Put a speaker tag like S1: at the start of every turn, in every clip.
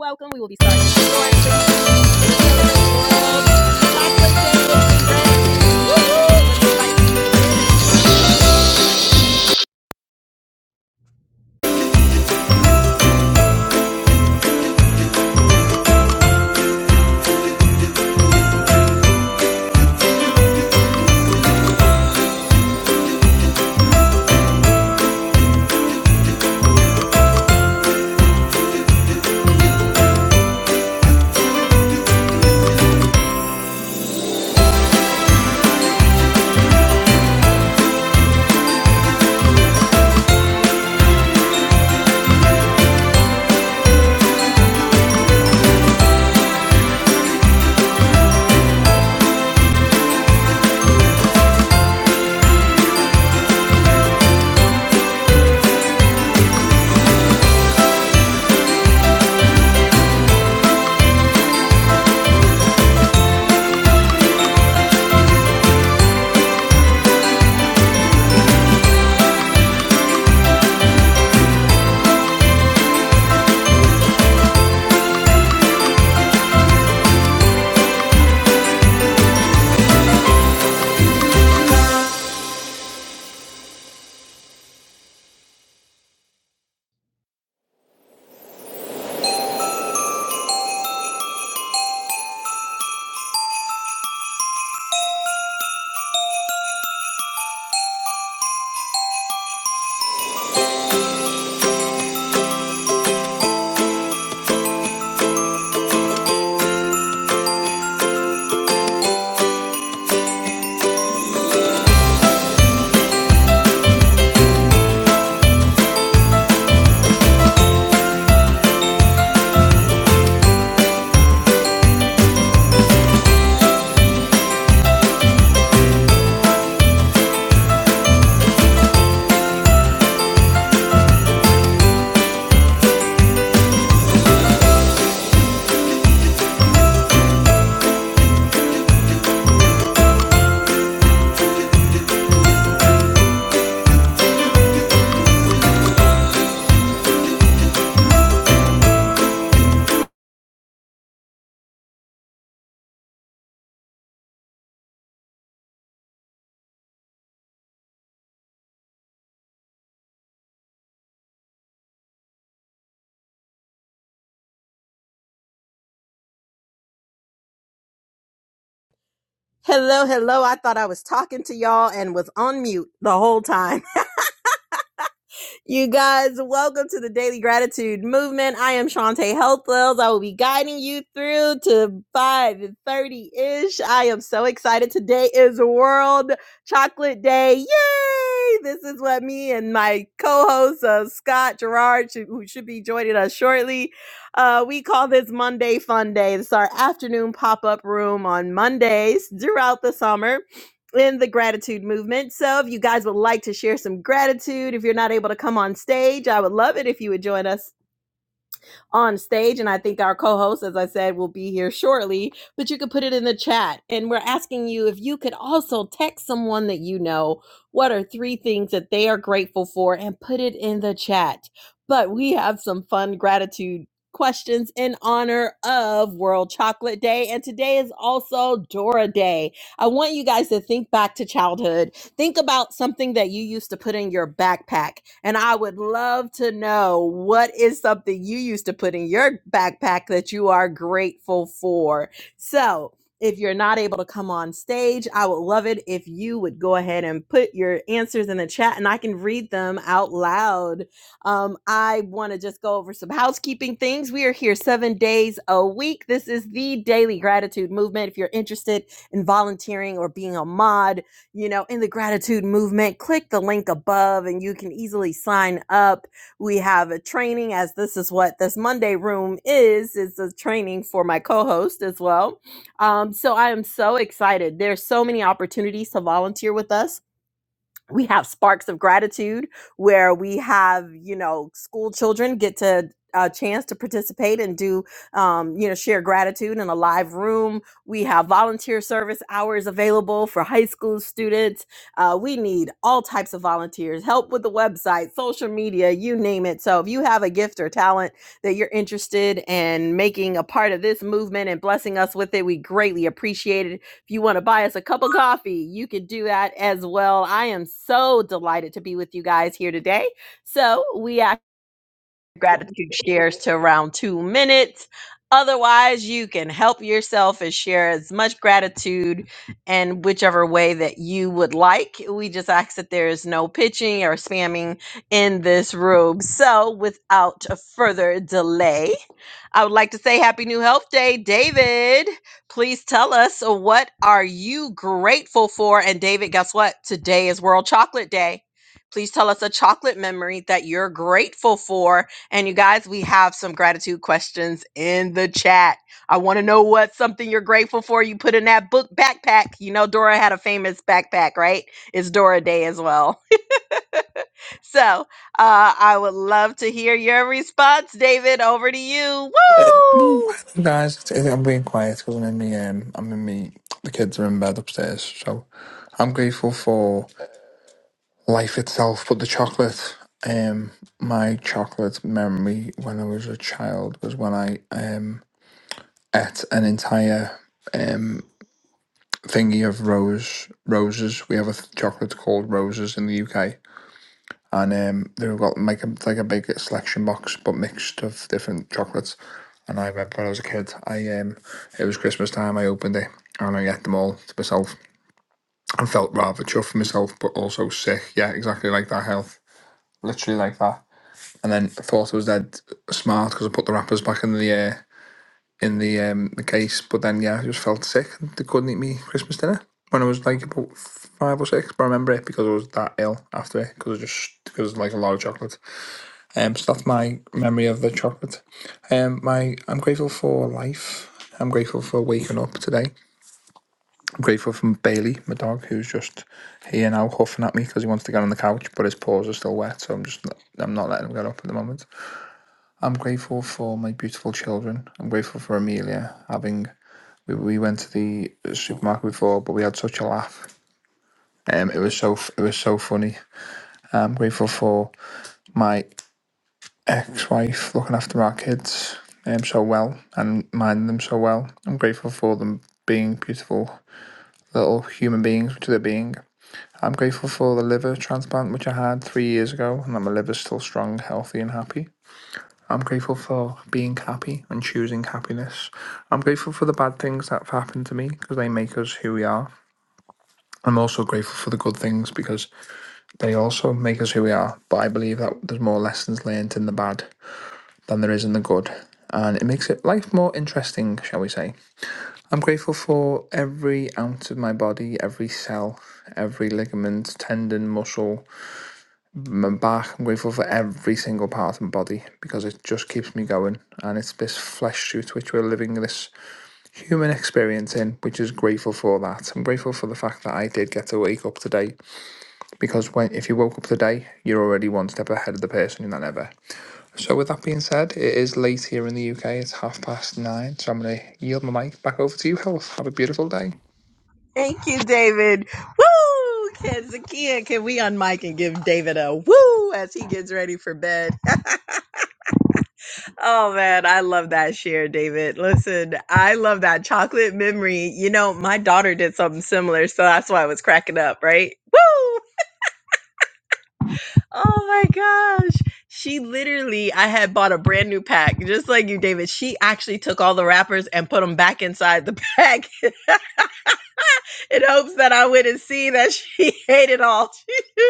S1: Welcome. We will be starting. Hello, hello. I thought I was talking to y'all and was on mute the whole time. You guys, welcome to the Daily Gratitude Movement. I am Shantae Healthwells. I will be guiding you through to 5.30ish. I am so excited. Today is World Chocolate Day. Yay! This is what me and my co-host uh, Scott Gerard, who should be joining us shortly, uh, we call this Monday Fun Day. It's our afternoon pop-up room on Mondays throughout the summer in the gratitude movement. So if you guys would like to share some gratitude, if you're not able to come on stage, I would love it if you would join us on stage. And I think our co host, as I said, will be here shortly, but you could put it in the chat. And we're asking you if you could also text someone that you know what are three things that they are grateful for and put it in the chat. But we have some fun gratitude questions in honor of World Chocolate Day. And today is also Dora Day. I want you guys to think back to childhood Think about something that you used to put in your backpack. And I would love to know what is something you used to put in your backpack that you are grateful for. So, if you're not able to come on stage, I would love it if you would go ahead and put your answers in the chat and I can read them out loud. Um, I want to just go over some housekeeping things. We are here seven days a week. This is the Daily Gratitude Movement. If you're interested in volunteering or being a mod, you know, in the gratitude movement, click the link above and you can easily sign up. We have a training as this is what this Monday room is. It's a training for my co-host as well. Um, so I am so excited. There's so many opportunities to volunteer with us we have sparks of gratitude where we have you know school children get to a chance to participate and do um, you know share gratitude in a live room we have volunteer service hours available for high school students uh, we need all types of volunteers help with the website social media you name it so if you have a gift or talent that you're interested in making a part of this movement and blessing us with it we greatly appreciate it if you want to buy us a cup of coffee, you can do that as well. I am so delighted to be with you guys here today. So we ask gratitude shares to around two minutes. Otherwise, you can help yourself and share as much gratitude and whichever way that you would like. We just ask that there is no pitching or spamming in this room. So, without further delay, I would like to say Happy New Health Day, David. Please tell us uh, what are you grateful for? And David, guess what? Today is World Chocolate Day. Please tell us a chocolate memory that you're grateful for. And you guys, we have some gratitude questions in the chat. I want to know what's something you're grateful for. You put in that book backpack. You know, Dora had a famous backpack, right? It's Dora Day as well. So uh, I would love to hear your response, David. Over to you. Woo!
S2: Guys, it's- it's- I'm being quiet because I'm in the um, I'm in me. The kids are in bed upstairs, so I'm grateful for life itself. But the chocolate, um, my chocolate memory when I was a child was when I um ate an entire um thingy of rose roses. We have a th- chocolate called roses in the UK, and um, they've got like a, like a big selection box, but mixed of different chocolates. And I remember when I was a kid, I um, it was Christmas time. I opened it and I ate them all to myself. I felt rather chuffed with myself, but also sick. Yeah, exactly like that health, literally like that. And then I thought I was dead smart because I put the wrappers back in the uh, in the um, the case. But then yeah, I just felt sick. They couldn't eat me Christmas dinner when I was like about five or six. But I remember it because I was that ill after it because I just because like a lot of chocolate. Um, so that's my memory of the chocolate. Um, my I'm grateful for life. I'm grateful for waking up today. I'm grateful for Bailey, my dog, who's just here now huffing at me because he wants to get on the couch, but his paws are still wet, so I'm just I'm not letting him get up at the moment. I'm grateful for my beautiful children. I'm grateful for Amelia having. We, we went to the supermarket before, but we had such a laugh. Um, it was so f- it was so funny. I'm grateful for my ex-wife looking after our kids um, so well and minding them so well. I'm grateful for them being beautiful little human beings, which they're being. I'm grateful for the liver transplant which I had three years ago, and that my liver's still strong, healthy, and happy. I'm grateful for being happy and choosing happiness. I'm grateful for the bad things that have happened to me because they make us who we are. I'm also grateful for the good things because they also make us who we are. But I believe that there's more lessons learned in the bad than there is in the good, and it makes it life more interesting, shall we say. I'm grateful for every ounce of my body, every cell, every ligament, tendon, muscle, my back. I'm grateful for every single part of my body because it just keeps me going, and it's this flesh suit which we're living this human experience in, which is grateful for that. I'm grateful for the fact that I did get to wake up today because when if you woke up today, you're already one step ahead of the person in that ever so, with that being said, it is late here in the UK. It's half past nine. So, I'm going to yield my mic back over to you, Health. Have a beautiful day.
S1: Thank you, David. Woo! Can Zakia, can we unmic and give David a woo as he gets ready for bed? oh man, I love that share, David. Listen, I love that chocolate memory. You know, my daughter did something similar, so that's why I was cracking up, right? Woo! Oh my gosh. She literally, I had bought a brand new pack, just like you, David. She actually took all the wrappers and put them back inside the pack in hopes that I wouldn't see that she ate it all.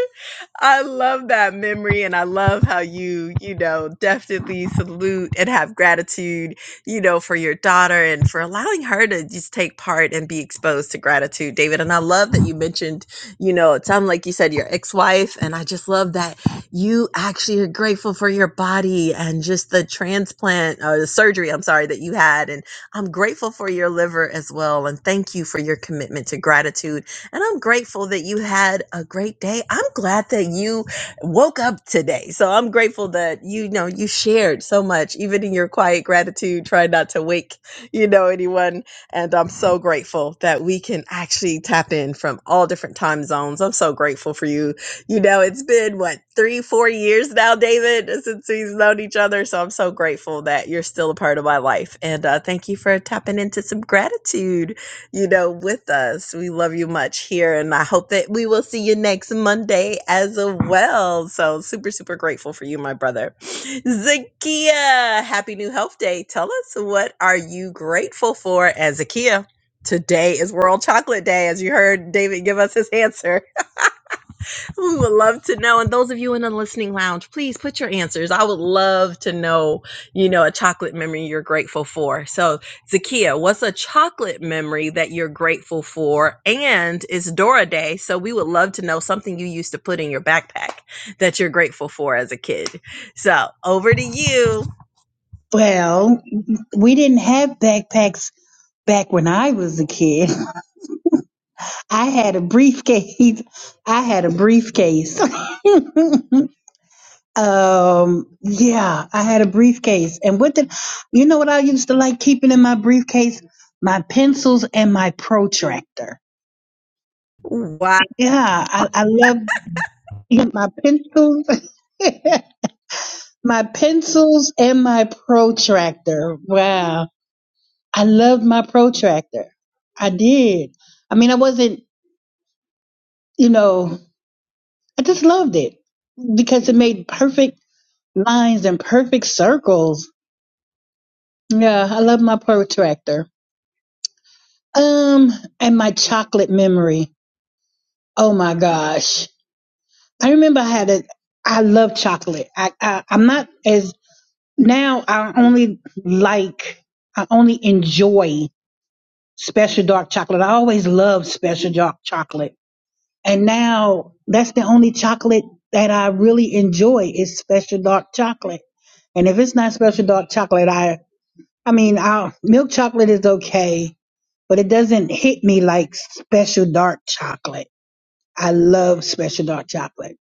S1: I love that memory and I love how you, you know, definitely salute and have gratitude, you know, for your daughter and for allowing her to just take part and be exposed to gratitude, David. And I love that you mentioned, you know, it sounded like you said your ex wife. And I just love that you actually are grateful for your body and just the transplant or the surgery, I'm sorry, that you had. And I'm grateful for your liver as well. And thank you for your commitment to gratitude and I'm grateful that you had a great day. I'm glad that you woke up today. So I'm grateful that you, you know you shared so much, even in your quiet gratitude, try not to wake, you know, anyone. And I'm so grateful that we can actually tap in from all different time zones. I'm so grateful for you. You know, it's been what, three, four years now, David, since we've known each other. So I'm so grateful that you're still a part of my life. And uh, thank you for tapping into some gratitude you know, with us. We love you much here, and I hope that we will see you next Monday as well. So, super, super grateful for you, my brother. Zakia, happy new health day. Tell us what are you grateful for? And Zakia, today is World Chocolate Day, as you heard David give us his answer. We would love to know. And those of you in the listening lounge, please put your answers. I would love to know, you know, a chocolate memory you're grateful for. So, Zakia, what's a chocolate memory that you're grateful for? And it's Dora Day. So, we would love to know something you used to put in your backpack that you're grateful for as a kid. So, over to you.
S3: Well, we didn't have backpacks back when I was a kid. I had a briefcase. I had a briefcase. um, yeah, I had a briefcase. And what did you know what I used to like keeping in my briefcase? My pencils and my protractor.
S1: Wow.
S3: Yeah, I, I love my pencils. my pencils and my protractor. Wow. I loved my protractor. I did. I mean, I wasn't you know, I just loved it because it made perfect lines and perfect circles. Yeah, I love my protractor. Um, and my chocolate memory. Oh my gosh. I remember I had a, I love chocolate. I, I, I'm not as, now I only like, I only enjoy special dark chocolate. I always loved special dark chocolate And now that's the only chocolate that I really enjoy is special dark chocolate. And if it's not special dark chocolate, I I mean, i milk chocolate is okay, but it doesn't hit me like special dark chocolate. I love special dark chocolate.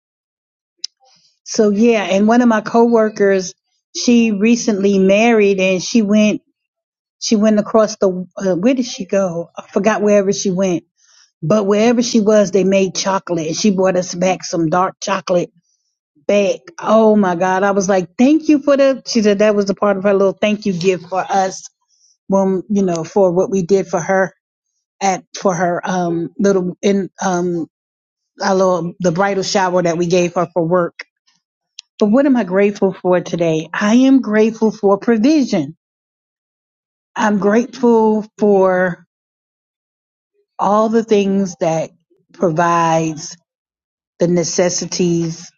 S3: So yeah, and one of my coworkers, she recently married and she went she went across the uh, where did she go? I forgot wherever she went. But wherever she was, they made chocolate. And she brought us back some dark chocolate back. Oh my God. I was like, thank you for the, she said that was the part of her little thank you gift for us when, you know, for what we did for her at, for her, um, little, in, um, our little, the bridal shower that we gave her for work. But what am I grateful for today? I am grateful for provision. I'm grateful for all the things that provides the necessities,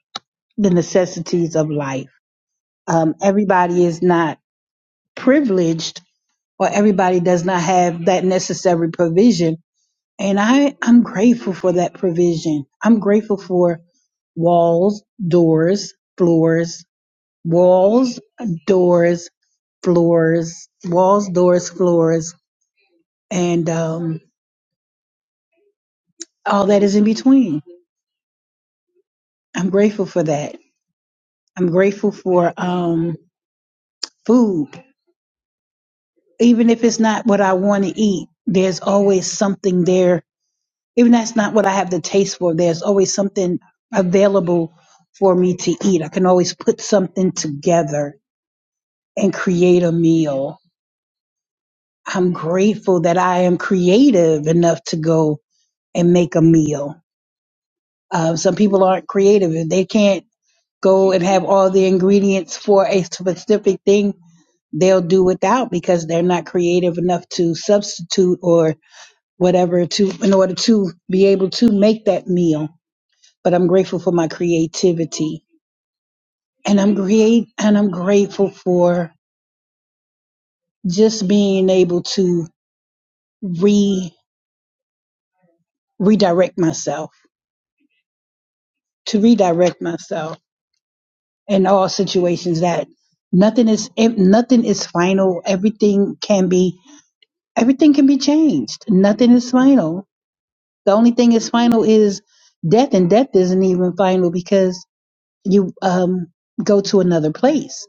S3: the necessities of life. Um, everybody is not privileged or everybody does not have that necessary provision. And I, I'm grateful for that provision. I'm grateful for walls, doors, floors, walls, doors, floors, walls, doors, floors, and um, all that is in between. I'm grateful for that. I'm grateful for um, food. Even if it's not what I want to eat, there's always something there even that's not what I have the taste for, there's always something available for me to eat. I can always put something together and create a meal. I'm grateful that I am creative enough to go and make a meal. Uh, some people aren't creative. If they can't go and have all the ingredients for a specific thing, they'll do without because they're not creative enough to substitute or whatever to in order to be able to make that meal but I'm grateful for my creativity and I'm great and I'm grateful for just being able to re redirect myself, to redirect myself in all situations that nothing is nothing is final. Everything can be everything can be changed. Nothing is final. The only thing is final is death and death isn't even final because you um go to another place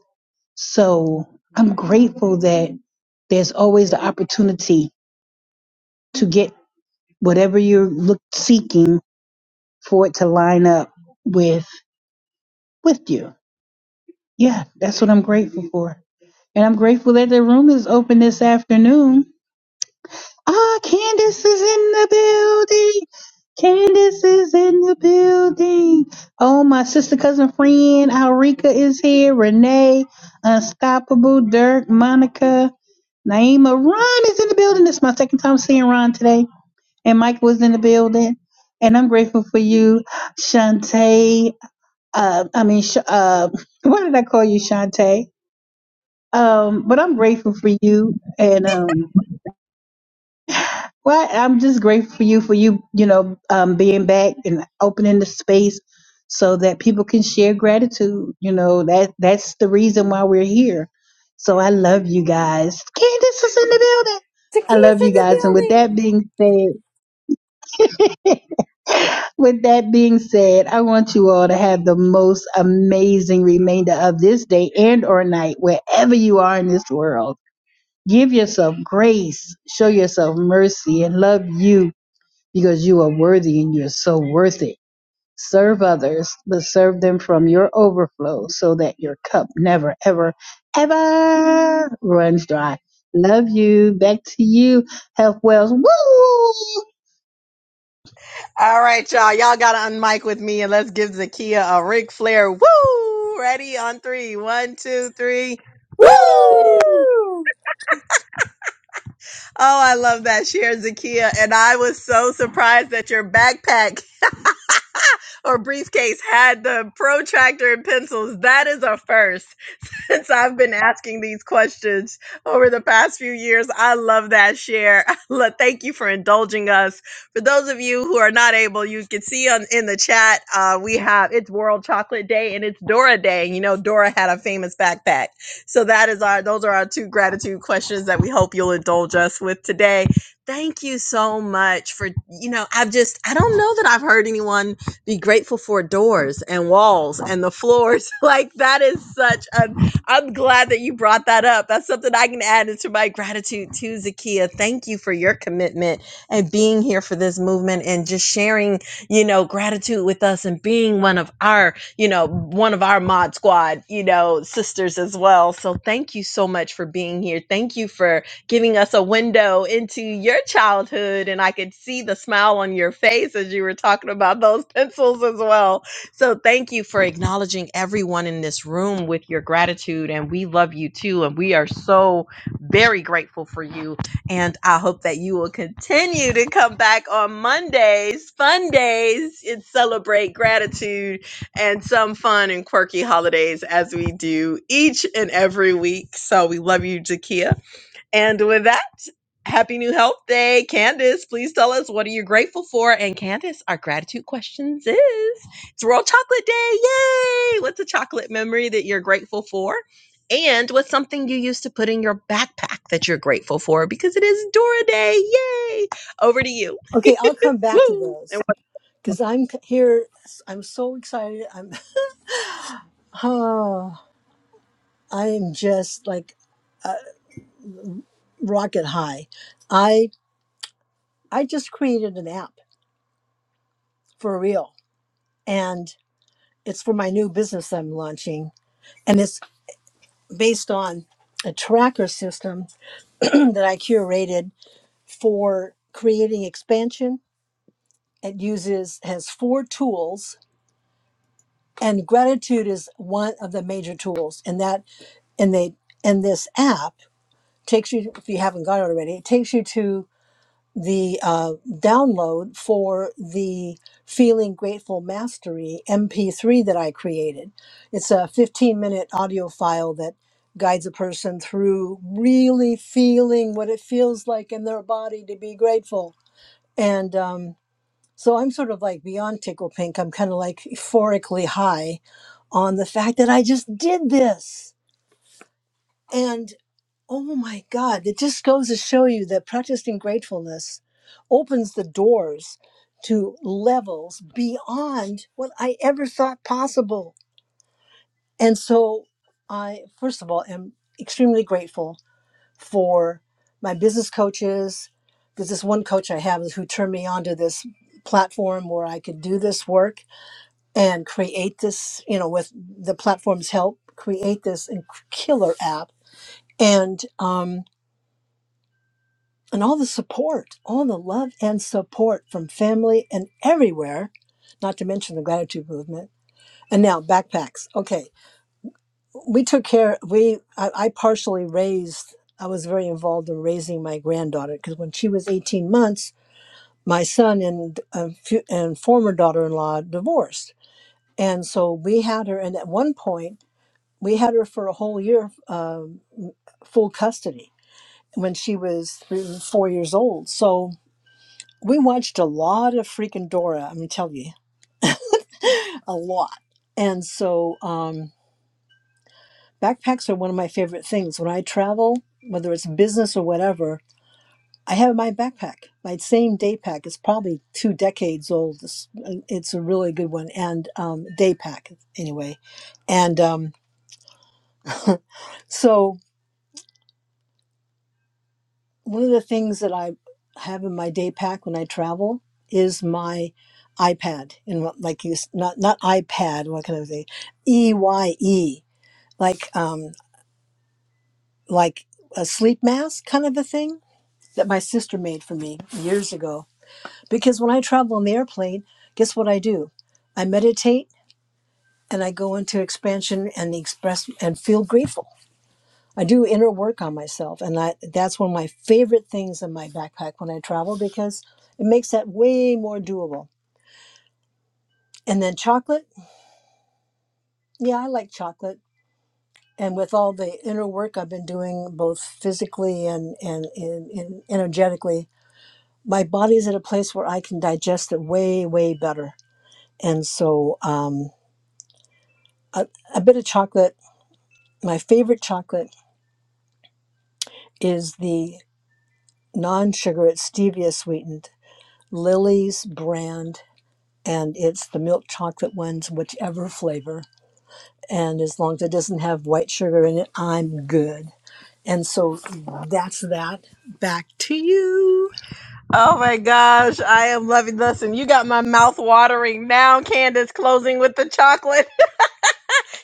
S3: So I'm grateful that there's always the opportunity to get whatever you're look, seeking for it to line up with with you. Yeah, that's what I'm grateful for. And I'm grateful that the room is open this afternoon Ah, Candace is in the building. Candace is in the building. Oh, my sister, cousin, friend, Alrika is here. Renee, Unstoppable, Dirk, Monica, Naima. Ron is in the building. This is my second time seeing Ron today. And Mike was in the building. And I'm grateful for you, Shantae. Uh, I mean, Sh- uh, why did I call you Shantae? Um, but I'm grateful for you. And, um, Well, I'm just grateful for you for you, you know, um, being back and opening the space so that people can share gratitude. You know, that that's the reason why we're here. So I love you guys. Candace is in the building. I
S4: Zakiya's
S3: love
S4: in
S3: you
S4: the
S3: guys. And with
S4: building.
S3: that being said, with that being said, I want you all to have the most amazing remainder of this day and or night, wherever you are in this world. Give yourself grace, show yourself mercy, and love you because you are worthy and you are so worth it. Serve others, but serve them from your overflow so that your cup never, ever, ever runs dry. Love you. Back to you, Health Wells.
S1: All right, y'all. Y'all got to unmic with me and let's give Zakia a Ric Flair. Woo! Ready on three. One, two, three.
S5: Woo!
S1: Woo!
S5: Woo!
S4: Woo!
S1: Oh, I love that, Share Zakiya, And I was so surprised that your backpack or briefcase had the protractor and pencils. That is a first. since I've been asking these questions over the past few years. I love that share. Le- Thank you for indulging us. For those of you who are not able, you can see on in the chat uh, we have it's World Chocolate Day and it's Dora Day. You know, Dora had a famous backpack, so that is our those are our two gratitude questions that we hope you'll indulge us with today. Thank you so much for you know I've just I don't know that I've heard anyone be grateful for doors and walls and the floors. Like that is such a I'm glad that you brought that up. That's something I can add into my gratitude to Zakia. Thank you for your commitment and being here for this movement and just sharing, you know, gratitude with us and being one of our, you know, one of our mod squad, you know, sisters as well. So thank you so much for being here. Thank you for giving us a window into your childhood. And I could see the smile on your face as you were talking about those pencils as well so thank you for acknowledging everyone in this room with your gratitude and we love you too and we are so very grateful for you and i hope that you will continue to come back on mondays fun days and celebrate gratitude and some fun and quirky holidays as we do each and every week so we love you jakia and with that, happy new health day. Candace, please tell us what are you grateful for? And Candace, our gratitude questions is it's World Chocolate Day. Yay! What's a chocolate memory that you're grateful for? And what's something you used to put in your backpack that you're grateful for? Because it is Dora Day. Yay! Over to you.
S4: Okay, I'll come back to
S1: Woo! And
S4: those because I'm here. I'm so excited. I'm oh, I am just like rocket high. I I just created an app for real, and it's for my new business I'm launching, and it's based on a tracker system that I curated for creating expansion. It uses has four tools and gratitude is one of the major tools and that and they and this app takes you if you haven't got it already it takes you to the uh, download for the feeling grateful mastery mp3 that i created it's a 15 minute audio file that guides a person through really feeling what it feels like in their body to be grateful and um, so I'm sort of like beyond tickle pink. I'm kind of like euphorically high on the fact that I just did this. And oh my God, it just goes to show you that practicing gratefulness opens the doors to levels beyond what I ever thought possible. And so I, first of all, am extremely grateful for my business coaches. There's this one coach I have who turned me onto this platform where I could do this work and create this, you know, with the platform's help, create this inc- killer app and um, and all the support, all the love and support from family and everywhere, not to mention the gratitude movement. And now backpacks. Okay, we took care. We I, I partially raised. I was very involved in raising my granddaughter because when she was 18 months, my son and uh, fu- and former daughter-in-law divorced, and so we had her. And at one point we had her for a whole year um, full custody when she was three four years old so we watched a lot of freaking dora i'm telling you a lot and so um, backpacks are one of my favorite things when i travel whether it's business or whatever i have my backpack my same day pack it's probably two decades old it's, it's a really good one and um, day pack anyway and um, so one of the things that I have in my day pack when I travel is my iPad and what like you s- not not iPad what kind of thing E Y E like um like a sleep mask kind of a thing that my sister made for me years ago because when I travel on the airplane guess what I do I meditate and I go into expansion and express and feel grateful I do inner work on myself, and that that's one of my favorite things in my backpack when I travel because it makes that way more doable. And then chocolate, yeah, I like chocolate. And with all the inner work I've been doing, both physically and and, and, and energetically, my body's at a place where I can digest it way way better. And so, um, a, a bit of chocolate. My favorite chocolate is the non-sugar, it's stevia sweetened Lily's brand and it's the milk chocolate ones, whichever flavor. And as long as it doesn't have white sugar in it, I'm good. And so that's that. Back to you.
S1: Oh my gosh, I am loving this. And you got my mouth watering now, Candace, closing with the chocolate.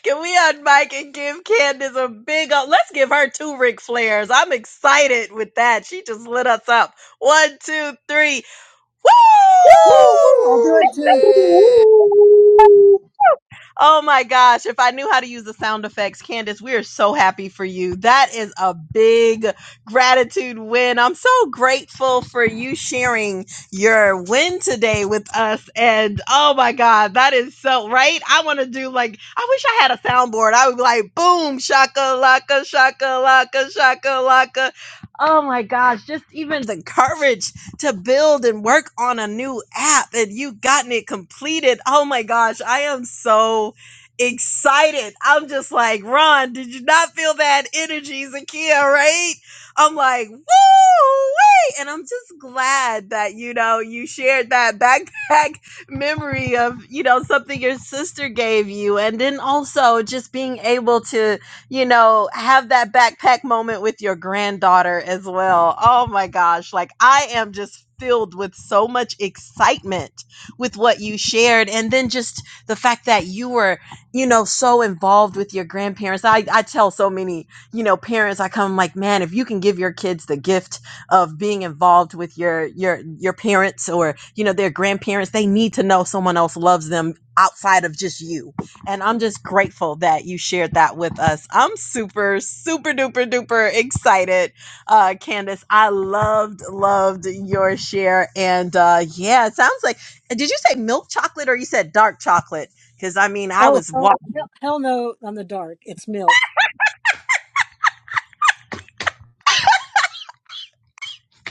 S1: Can we on and give Candace a big o Let's give her two Ric Flairs. I'm excited with that. She just lit us up. One, two, three. Woo!
S4: Woo! I'll do
S5: Woo!
S4: it too.
S5: Yeah!
S3: Woo!
S1: Oh my gosh, if I knew how to use the sound effects, Candace, we are so happy for you. That is a big gratitude win. I'm so grateful for you sharing your win today with us. And oh my God, that is so right. I want to do like, I wish I had a soundboard. I would be like, boom, shaka laka, shaka laka, shaka laka. Oh my gosh, just even the courage to build and work on a new app and you've gotten it completed. Oh my gosh, I am so excited. I'm just like, Ron, did you not feel that energy, Zakia, right? I'm like, woo! Wait, And I'm just glad that, you know, you shared that backpack memory of, you know, something your sister gave you. And then also just being able to you know, have that backpack moment with your granddaughter as well. Oh my gosh. Like, I am just filled with so much excitement with what you shared. And then just the fact that you were, you know, so involved with your grandparents. I, I tell so many, you know, parents, I come like, man, if you can give your kids the gift of being involved with your your your parents or, you know, their grandparents, they need to know someone else loves them outside of just you and I'm just grateful that you shared that with us. I'm super, super duper duper excited, uh, Candace. I loved, loved your share. And uh, yeah, it sounds like, uh, did you say milk chocolate or you said dark chocolate? Because I mean, I
S4: Oh,
S1: was
S4: hell, hell,
S1: walking.
S4: hell no on the dark. It's milk.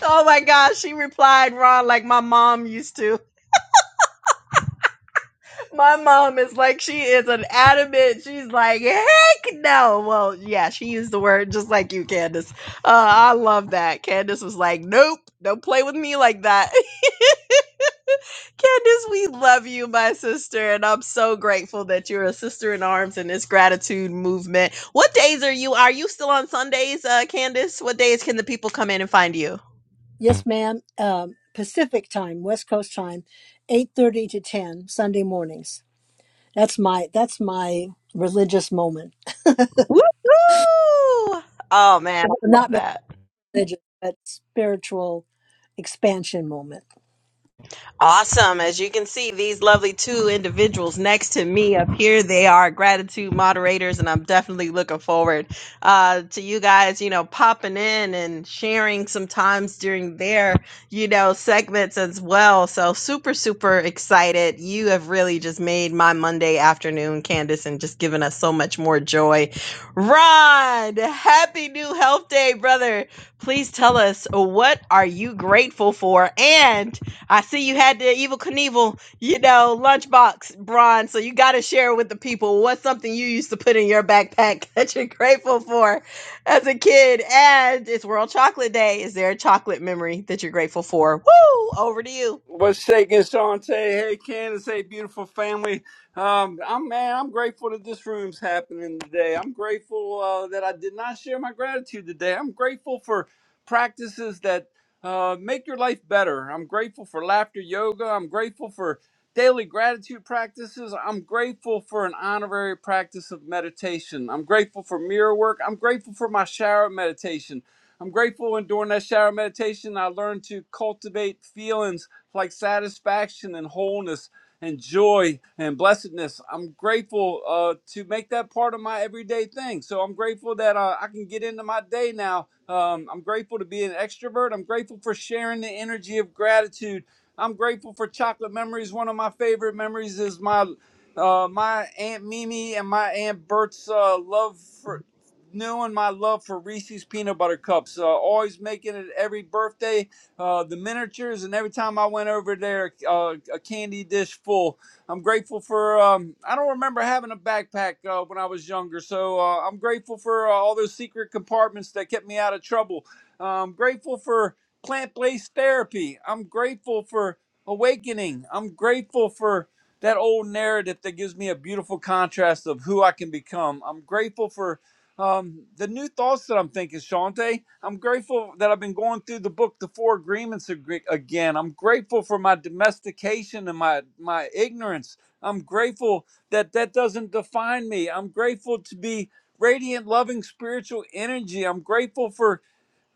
S1: Oh my gosh, she replied, Ron, like my mom used to. My mom is like, she is an adamant. She's like, heck no. Well, yeah, she used the word just like you, Candace. Uh, I love that. Candace was like, nope, don't play with me like that. Candace, we love you, my sister, and I'm so grateful that you're a sister in arms in this gratitude movement. What days are you? Are you still on Sundays, uh, Candace? What days can the people come in and find you?
S4: Yes, ma'am. Um, Pacific time, West Coast time, 8.30 to 10, Sunday mornings. That's my, that's my religious moment.
S1: Woo! Oh man, I
S4: Well,
S1: love
S4: Not
S1: that.
S4: religious, but spiritual expansion moment.
S1: Awesome. As you can see, these lovely two individuals next to me up here, they are gratitude moderators, and I'm definitely looking forward uh, to you guys, you know, popping in and sharing sometimes during their, you know, segments as well. So super, super excited. You have really just made my Monday afternoon, Candace, and just given us so much more joy. Ron, happy new health day, brother. Please tell us what are you grateful for and I see you had the Evil Knievel, you know, lunchbox, Bron. So you got to share with the people what's something you used to put in your backpack that you're grateful for as a kid. And it's World Chocolate Day. Is there a chocolate memory that you're grateful for? Woo! Over to you.
S5: What's shaking, Shantae? hey, Candace. Hey, beautiful family. Um, I'm man. I'm grateful that this room's happening today. I'm grateful uh, that I did not share my gratitude today. I'm grateful for practices that uh, make your life better. I'm grateful for laughter yoga. I'm grateful for daily gratitude practices. I'm grateful for an honorary practice of meditation. I'm grateful for mirror work. I'm grateful for my shower meditation. I'm grateful when during that shower meditation I learned to cultivate feelings like satisfaction and wholeness and joy and blessedness. I'm grateful uh, to make that part of my everyday thing. So I'm grateful that uh, I can get into my day now. Um, I'm grateful to be an extrovert. I'm grateful for sharing the energy of gratitude. I'm grateful for chocolate memories. One of my favorite memories is my uh, my aunt Mimi and my aunt Bert's uh, love for knowing my love for Reese's peanut butter cups. Uh, always making it every birthday uh, the miniatures, and every time I went over there, uh, a candy dish full. I'm grateful for. Um, I don't remember having a backpack uh, when I was younger, so uh, I'm grateful for uh, all those secret compartments that kept me out of trouble. Uh, I'm grateful for plant-based therapy. I'm grateful for awakening. I'm grateful for that old narrative that gives me a beautiful contrast of who I can become. I'm grateful for um, the new thoughts that I'm thinking, Shante, I'm grateful that I've been going through the book, The Four Agreements ag- again. I'm grateful for my domestication and my, my ignorance. I'm grateful that that doesn't define me. I'm grateful to be radiant, loving, spiritual energy. I'm grateful for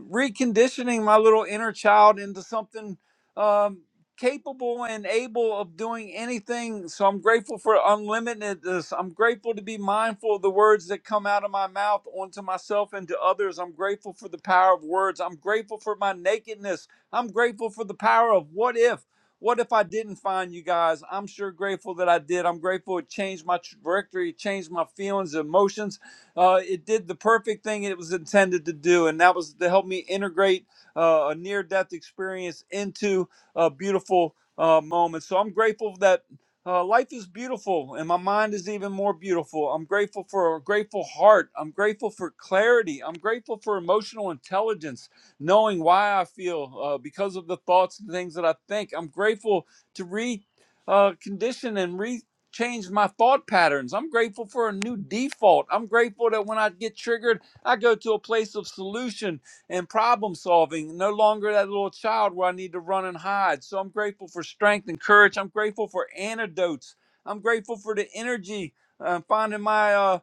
S5: reconditioning my little inner child into something um, capable and able of doing anything. So I'm grateful for unlimitedness. I'm grateful to be mindful of the words that come out of my mouth onto myself and to others. I'm grateful for the power of words. I'm grateful for my nakedness. I'm grateful for the power of what if. What if I didn't find you guys? I'm sure grateful that I did. I'm grateful it changed my trajectory, it changed my feelings, emotions uh, it did the perfect thing it was intended to do, and that was to help me integrate uh, a near death experience into a beautiful uh, moment. So I'm grateful that uh, life is beautiful and my mind is even more beautiful. I'm grateful for a grateful heart. I'm grateful for clarity. I'm grateful for emotional intelligence, knowing why I feel uh, because of the thoughts and things that I think. I'm grateful to recondition uh, condition and re changed my thought patterns. I'm grateful for a new default. I'm grateful that when I get triggered, I go to a place of solution and problem solving, no longer that little child where I need to run and hide. So I'm grateful for strength and courage. I'm grateful for antidotes. I'm grateful for the energy. uh, finding my uh,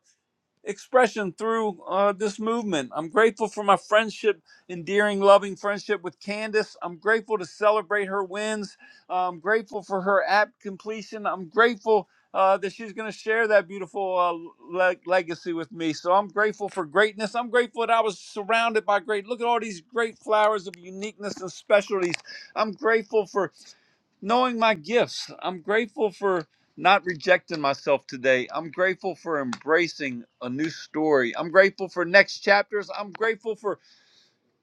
S5: expression through uh, this movement. I'm grateful for my friendship, endearing, loving friendship with Candace. I'm grateful to celebrate her wins. I'm grateful for her app completion. I'm grateful uh, that she's going to share that beautiful uh, le- legacy with me. So I'm grateful for greatness. I'm grateful that I was surrounded by great. Look at all these great flowers of uniqueness and specialties. I'm grateful for knowing my gifts. I'm grateful for not rejecting myself today. I'm grateful for embracing a new story. I'm grateful for next chapters. I'm grateful for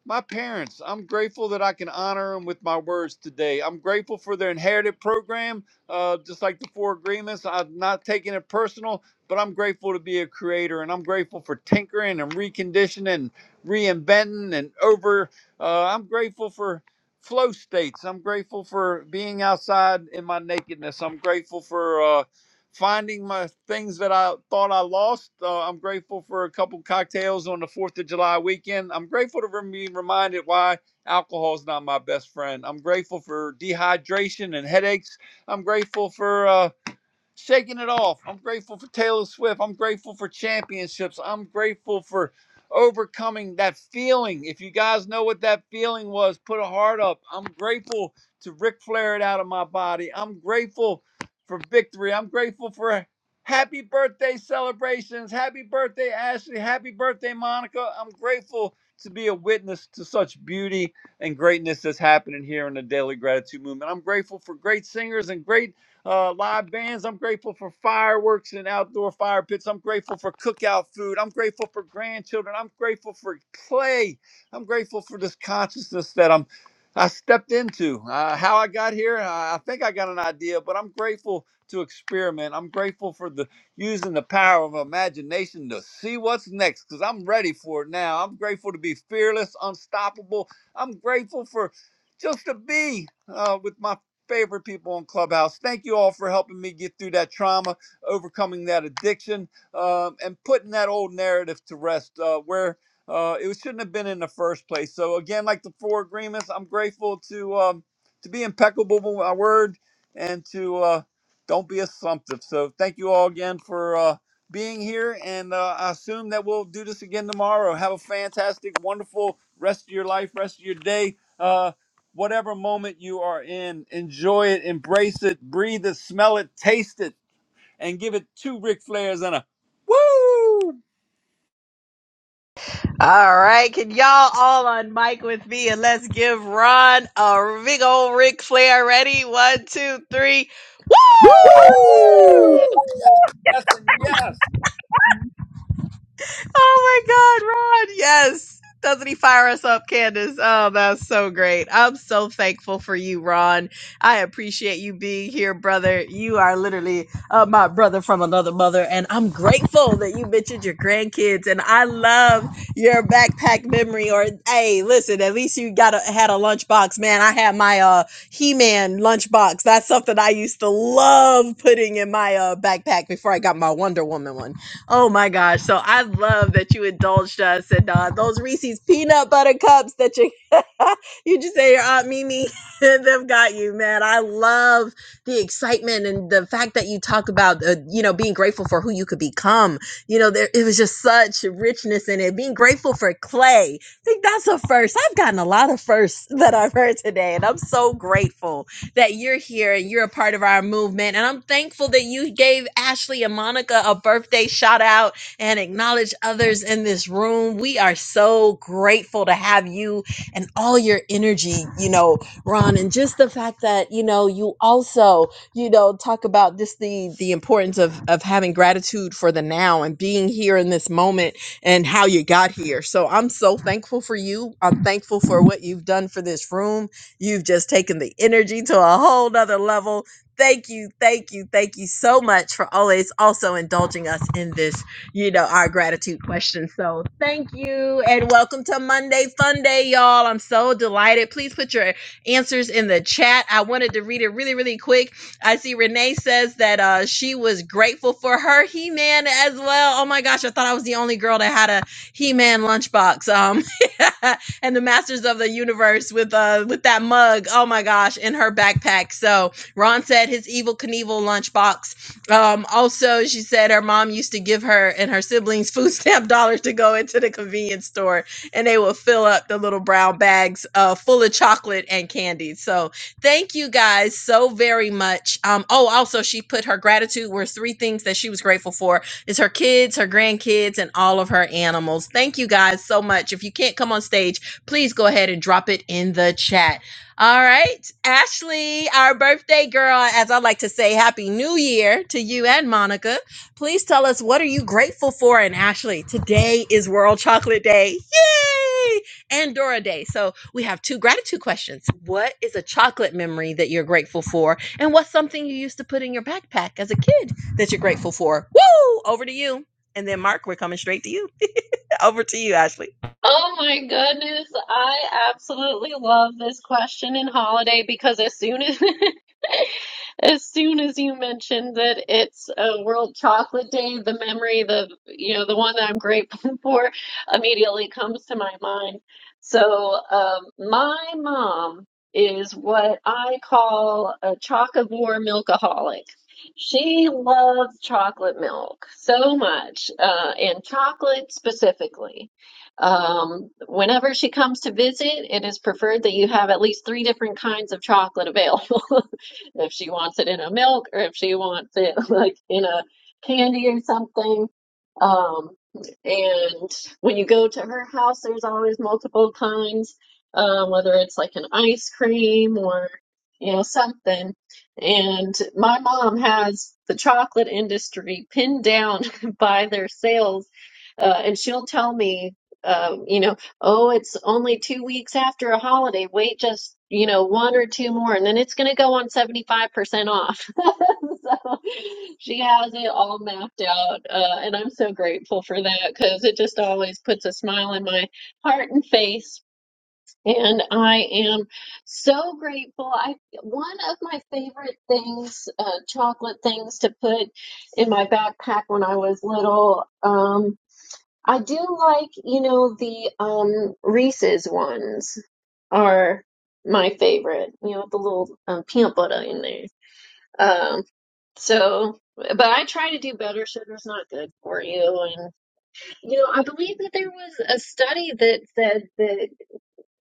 S5: my parents. I'm grateful that I can honor them with my words today. I'm grateful for their inherited program, uh, just like the four agreements. I'm not taking it personal, but I'm grateful to be a creator and I'm grateful for tinkering and reconditioning and reinventing and over. Uh, I'm grateful for flow states. I'm grateful for being outside in my nakedness. I'm grateful for. uh, finding my things that I thought I lost. Uh, I'm grateful for a couple cocktails on the 4th of July weekend. I'm grateful to be reminded why alcohol is not my best friend. I'm grateful for dehydration and headaches. I'm grateful for. Uh, shaking it off. I'm grateful for Taylor Swift. I'm grateful for championships. I'm grateful for overcoming that feeling. If you guys know what that feeling was, put a heart up. I'm grateful to Ric Flair it out of my body. I'm grateful for victory. I'm grateful for happy birthday celebrations. Happy birthday, Ashley. Happy birthday, Monica. I'm grateful to be a witness to such beauty and greatness that's happening here in the Daily Gratitude Movement. I'm grateful for great singers and great uh, live bands. I'm grateful for fireworks and outdoor fire pits. I'm grateful for cookout food. I'm grateful for grandchildren. I'm grateful for play. I'm grateful for this consciousness that I'm. I stepped into uh, how I got here. I I think I got an idea, but I'm grateful to experiment. I'm grateful for the using the power of imagination to see what's next because I'm ready for it now. I'm grateful to be fearless, unstoppable. I'm grateful for just to be uh, with my favorite people on Clubhouse. Thank you all for helping me get through that trauma, overcoming that addiction, um, and putting that old narrative to rest uh, where uh, it shouldn't have been in the first place. So again, like the four agreements, I'm grateful to um, to be impeccable with my word and to uh, don't be assumptive. So thank you all again for uh, being here, and uh, I assume that we'll do this again tomorrow. Have a fantastic, wonderful rest of your life, rest of your day. Uh, whatever moment you are in, enjoy it, embrace it, breathe it, smell it, taste it, and give it two Ric Flairs and a woo,
S1: All right. Can y'all all on mic with me and let's give Ron a big old Ric Flair ready? One, two, three. Woo!
S4: Woohoo!
S6: Woo!
S5: woo,
S7: Woo!
S5: yes, yes, and yes.
S1: Oh my God, Ron. Yes. Doesn't he fire us up, Candace? Oh, that's so great. I'm so thankful for you, Ron. I appreciate you being here, brother. You are literally uh, my brother from another mother, and I'm grateful that you mentioned your grandkids. And I love your backpack memory. Or hey, listen, at least you got a, had a lunchbox, man. I had my uh, He-Man lunchbox. That's something I used to love putting in my uh, backpack before I got my Wonder Woman one Oh my gosh. So I love that you indulged us and uh, those Reese's peanut butter cups that you you just say your aunt Mimi and them got you, man. I love the excitement and the fact that you talk about uh, you know being grateful for who you could become. You know, there it was just such richness in it. Being grateful for clay. I think that's a first. I've gotten a lot of firsts that I've heard today and I'm so grateful that you're here and you're a part of our movement. And I'm thankful that you gave Ashley and Monica a birthday shout out and acknowledge others in this room. We are so grateful to have you and all your energy, you know, Ron, and just the fact that, you know, you also, you know, talk about just the the importance of of having gratitude for the now and being here in this moment and how you got here. So I'm so thankful for you. I'm thankful for what you've done for this room You've just taken the energy to a whole nother level. Thank you, thank you, thank you so much for always also indulging us in this, you know, our gratitude question. So thank you and welcome to Monday Fun Day, y'all. I'm so delighted. Please put your answers in the chat. I wanted to read it really, really quick. I see Renee says that uh, she was grateful for her He Man as well. Oh my gosh, I thought I was the only girl that had a He Man lunchbox. Um, and the Masters of the Universe with uh with that mug. Oh my gosh, in her backpack. So Ron said his evil Knievel lunchbox. Um, also, she said her mom used to give her and her siblings food stamp dollars to go into the convenience store, and they would fill up the little brown bags uh, full of chocolate and candy. So thank you guys so very much. Um, oh, also she put her gratitude were three things that she was grateful for is her kids, her grandkids, and all of her animals. Thank you guys so much. If you can't come on stage please go ahead and drop it in the chat. All right. Ashley, our birthday girl, as I like to say, Happy New Year to you and Monica. Please tell us what are you grateful for? And Ashley, today is World Chocolate Day. Yay! And Dora Day. So we have two gratitude questions. What is a chocolate memory that you're grateful for? And what's something you used to put in your backpack as a kid that you're grateful for? Woo! Over to you. And then Mark, we're coming straight to you. Over to you, Ashley.
S7: Oh my goodness, I absolutely love this question in holiday because as soon as as soon as you mentioned that it's a World Chocolate Day, the memory, the you know, the one that I'm grateful for immediately comes to my mind. So, um, my mom is what I call a chocovore milkaholic. She loves chocolate milk so much, uh, and chocolate specifically. Um, whenever she comes to visit, it is preferred that you have at least three different kinds of chocolate available. if she wants it in a milk or if she wants it like in a candy or something. Um, and when you go to her house, there's always multiple kinds, um, whether it's like an ice cream or you know something. And my mom has the chocolate industry pinned down by their sales, uh, and she'll tell me. Um, you know, Oh, it's only two weeks after a holiday. Wait just, you know, one or two more, and then it's going to go on 75% off. So she has it all mapped out. Uh, and I'm so grateful for that because it just always puts a smile in my heart and face. And I am so grateful. I one of my favorite things, uh, chocolate things to put in my backpack when I was little. Um, I do like, you know, the um Reese's ones are my favorite, you know, with the little um, peanut butter in there. Um, so, but I try to do better. Sugar's not good for you. And, you know, I believe that there was a study that said that.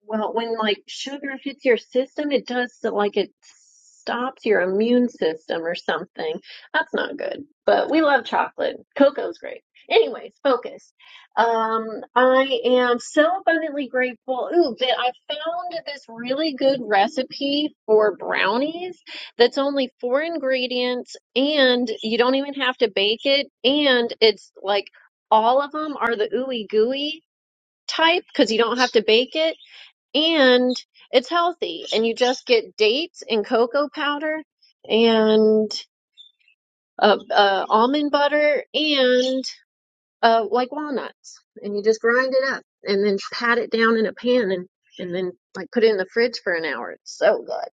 S7: Well, when like sugar hits your system, it does so like it stops your immune system or something. That's not good. But we love chocolate. Cocoa's great. Anyways, focus. Um, I am so abundantly grateful. Ooh, that I found this really good recipe for brownies that's only four ingredients and you don't even have to bake it. And it's like all of them are the ooey gooey type because you don't have to bake it and it's healthy. And you just get dates and cocoa powder and uh, uh, almond butter and uh, like walnuts, and you just grind it up and then pat it down in a pan and and then like put it in the fridge for an hour. It's so good.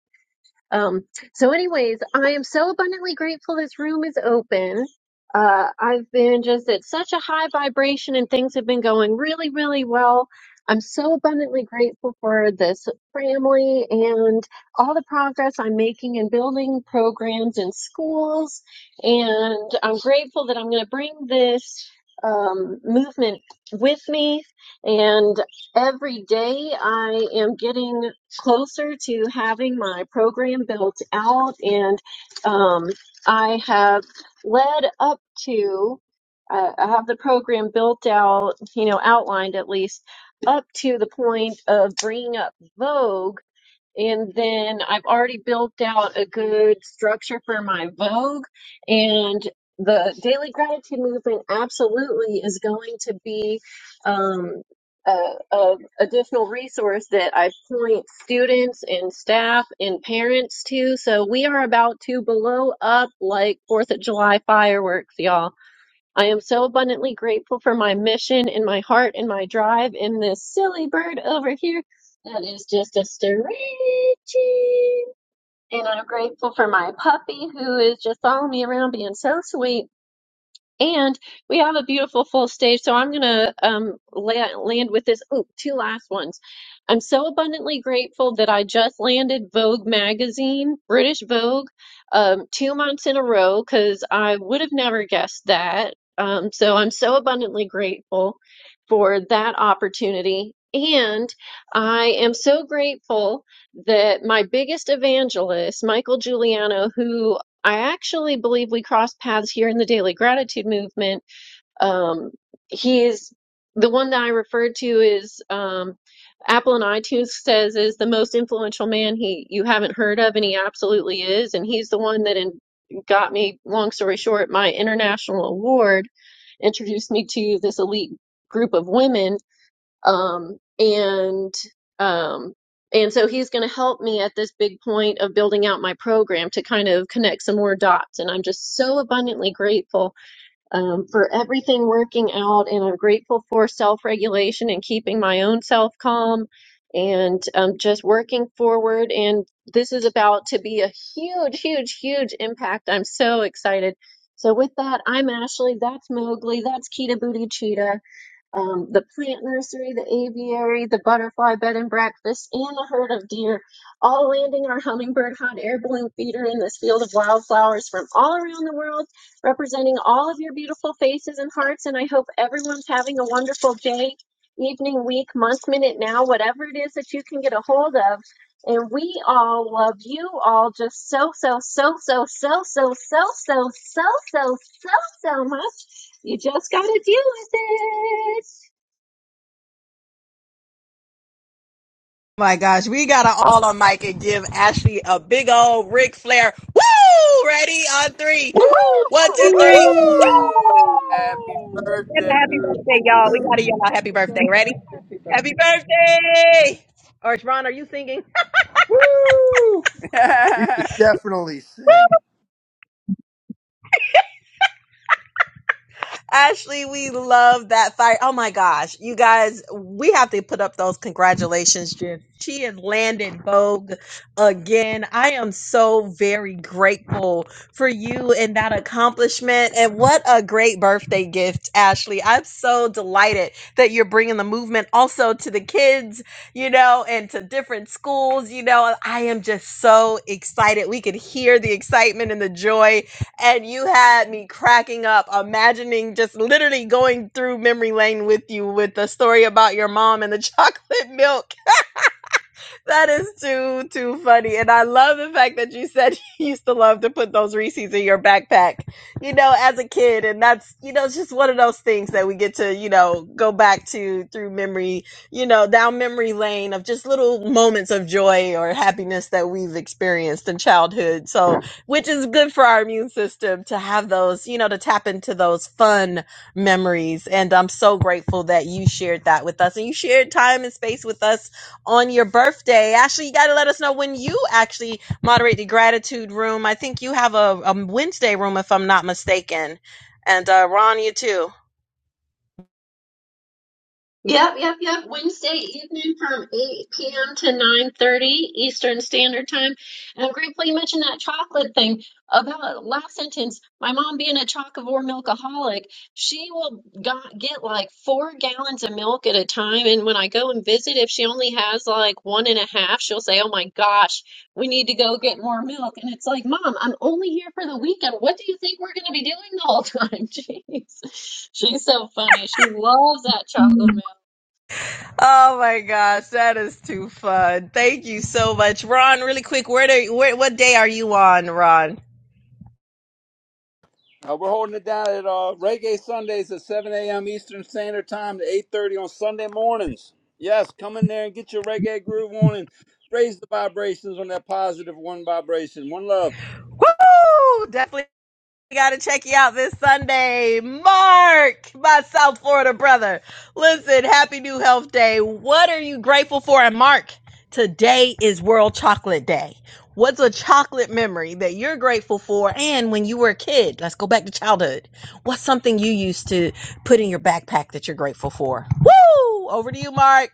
S7: Um, so, anyways, I am so abundantly grateful this room is open. Uh, I've been just at such a high vibration and things have been going really, really well. I'm so abundantly grateful for this family and all the progress I'm making in building programs in schools. And I'm grateful that I'm going to bring this um, movement with me. And every day I am getting closer to having my program built out, and um, I have led up to. Uh, I have the program built out, you know, outlined at least up to the point of bringing up Vogue and then I've already built out a good structure for my Vogue. And the daily gratitude movement absolutely is going to be um, a, a additional resource that I point students and staff and parents to. So we are about to blow up like Fourth of July fireworks, y'all. I am so abundantly grateful for my mission and my heart and my drive and this silly bird over here that is just a stretching. And I'm grateful for my puppy who is just following me around being so sweet. And we have a beautiful full stage, so I'm gonna um, la- land with this. Oh, two last ones. I'm so abundantly grateful that I just landed Vogue magazine, British Vogue, um, two months in a row because I would have never guessed that. Um, so I'm so abundantly grateful for that opportunity. And I am so grateful that my biggest evangelist, Michael Giuliano, who I actually believe we crossed paths here in the Daily Gratitude Movement. Um, he is the one that I referred to is um, Apple and iTunes says is the most influential man he you haven't heard of, and he absolutely is. And he's the one that in, got me, long story short, my international award, introduced me to this elite group of women um, and um, and so he's going to help me at this big point of building out my program to kind of connect some more dots. And I'm just so abundantly grateful um, for everything working out, and I'm grateful for self-regulation and keeping my own self calm. And um, just working forward, and this is about to be a huge, huge, huge impact. I'm so excited. So, with that, I'm Ashley. That's Mowgli. That's Kita Booty Cheetah um, the plant nursery, the aviary, the butterfly bed and breakfast, and the herd of deer, all landing our hummingbird hot air balloon feeder in this field of wildflowers from all around the world, representing all of your beautiful faces and hearts. And I hope everyone's having a wonderful day, evening, week, month, minute, now, whatever it is that you can get a hold of. And we all love you all just so, so, so, so, so, so, so, so, so, so, so, so so much. You just got to deal with it.
S1: my gosh, we gotta all on mic and give Ashley a big old Ric Flair. Woo! Ready on three.
S5: Woo,
S8: Woo!
S1: One,
S8: Oh,
S5: woo.
S1: two, three.
S6: Woo!
S9: Woo!
S10: Woo!
S5: Happy
S8: woo!
S1: And
S5: birthday
S1: happy birthday,
S5: to
S1: y'all. We
S5: you.
S1: gotta yell out happy
S8: Happy
S1: birthday. Ready?
S8: birthday. Happy birthday.
S1: Happy birthday! Or Ron, are you singing?
S5: Woo!
S1: Ashley, we love that fire. Oh my gosh. You guys, we have to put up those congratulations, Jen. She has landed Vogue again. I am so very grateful for you and that accomplishment. And what a great birthday gift, Ashley. I'm so delighted that you're bringing the movement also to the kids, you know, and to different schools. You know, I am just so excited. We could hear the excitement and the joy and you had me cracking up, imagining just literally going through memory lane with you with the story about your mom and the chocolate milk that is too too funny, and I love the fact that you said you used to love to put those Reese's in your backpack, you know, as a kid, and that's you know it's just one of those things that we get to you know go back to through memory, you know, down memory lane of just little moments of joy or happiness that we've experienced in childhood. So, which is good for our immune system to have those, you know, to tap into those fun memories. And I'm so grateful that you shared that with us, and you shared time and space with us on your birthday. Actually, you got to let us know when you actually moderate the gratitude room. I think you have a, a Wednesday room, if I'm not mistaken. And uh, Ron, you too.
S7: Yep, yep, yep. Wednesday evening from 8 p.m. to 9:30 Eastern Standard Time. And I'm grateful you mentioned that chocolate thing about last sentence. My mom being a chocovore milkaholic, she will got, get like four gallons of milk at a time. And when I go and visit, if she only has like one and a half, she'll say, "Oh my gosh." we need to go get more milk. And it's like, Mom, I'm only here for the weekend. What do you think we're going to be doing the whole time? Jeez. She's so funny. She loves that chocolate milk.
S1: Oh my gosh, that is too fun! Thank you so much, Ron. Really quick, where do where, what day are you on, Ron?
S5: Uh, we're holding it down at uh, Reggae Sundays at 7 a.m. Eastern Standard Time to 8.30 on Sunday mornings. Yes, come in there and get your reggae groove on and raise the vibrations on that positive one vibration. One love.
S1: Woo! Definitely. We gotta check you out this Sunday. Mark, my South Florida brother. Listen, happy new health day. What are you grateful for? And Mark, today is World Chocolate Day. What's a chocolate memory that you're grateful for? And when you were a kid, let's go back to childhood. What's something you used to put in your backpack that you're grateful for? Woo! Over to you, Mark.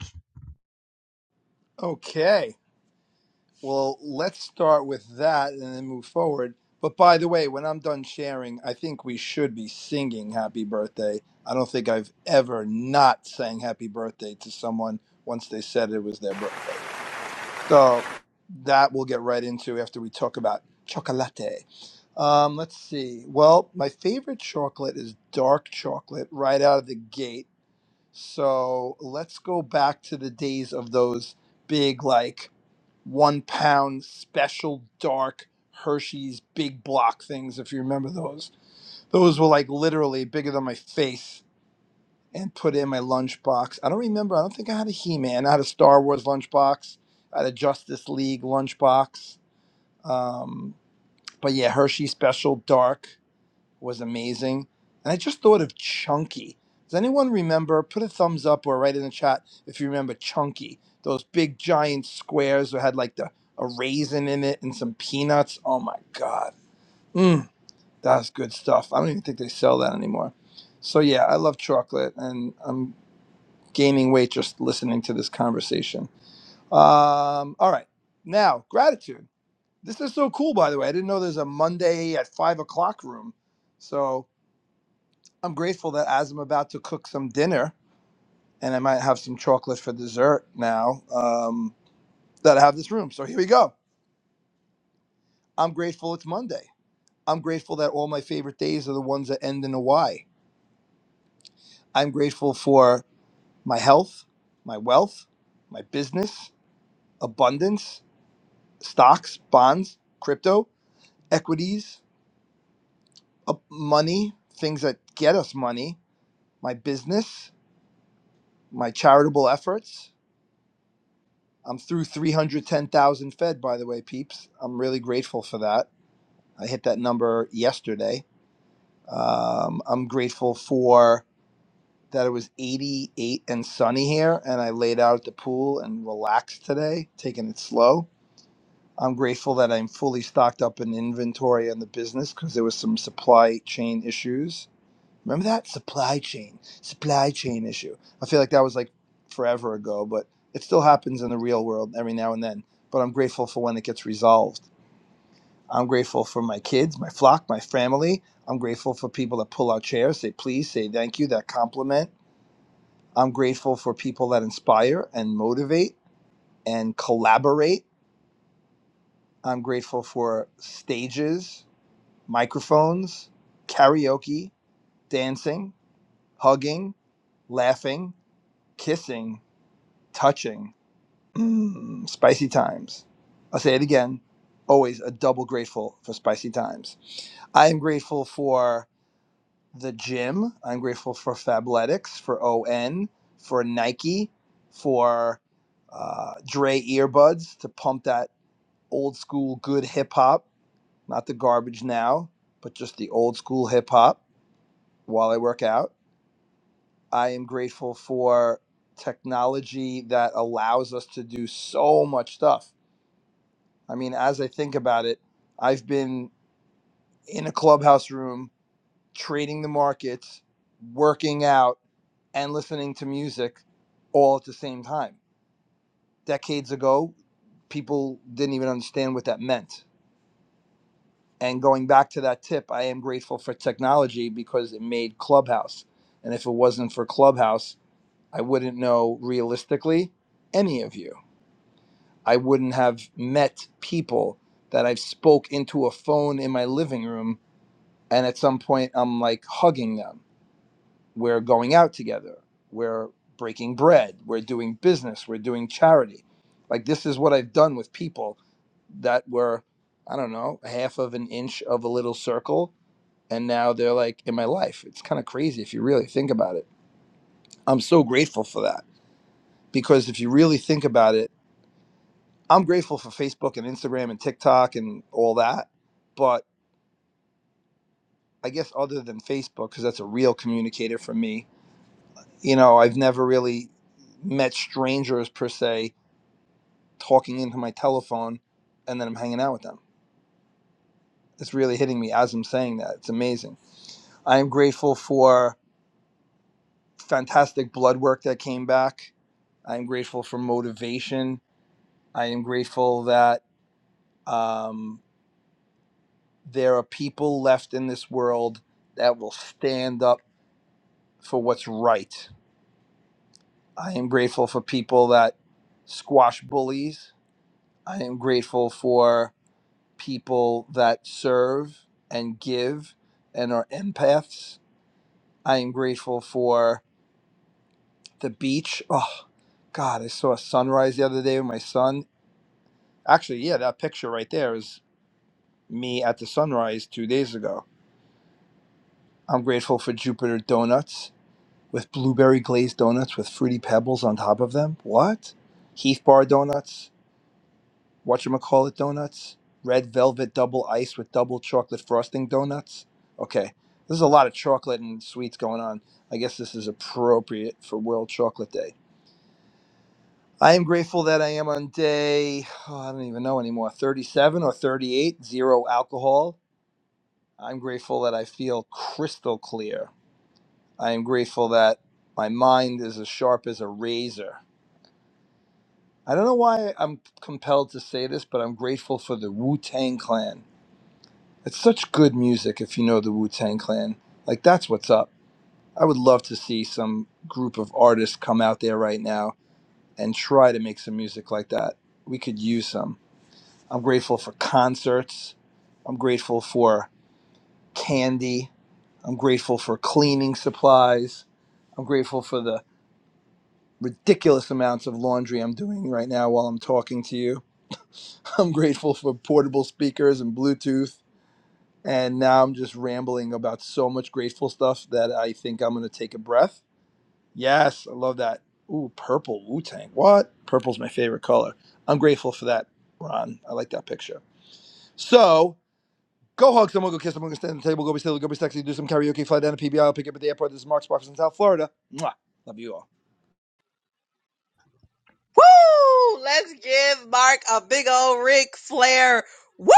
S1: Woo! Let's give Mark a big old Ric Flair. Woo!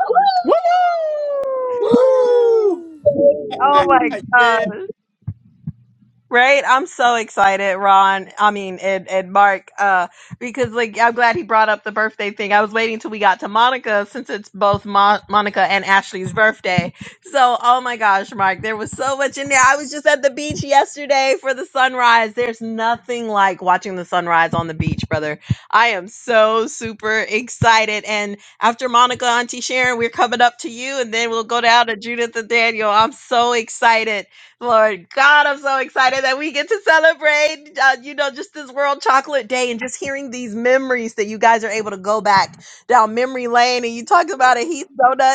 S7: Woo!
S8: Woo!
S5: Woo!
S1: Oh my God.
S5: yeah.
S1: Right? I'm so excited, Ron. I mean, and, and Mark, uh, because like, I'm glad he brought up the birthday thing. I was waiting till we got to Monica since it's both Mo- Monica and Ashley's birthday. So, oh my gosh, Mark, there was so much in there. I was just at the beach yesterday for the sunrise. There's nothing like watching the sunrise on the beach, brother. I am so super excited. And after Monica, Auntie Sharon, we're coming up to you and then we'll go down to Judith and Daniel. I'm so excited Lord God, I'm so excited that we get to celebrate, uh, you know, just this World Chocolate Day and just hearing these memories that you guys are able to go back down memory lane. And you talked about a Heath donut.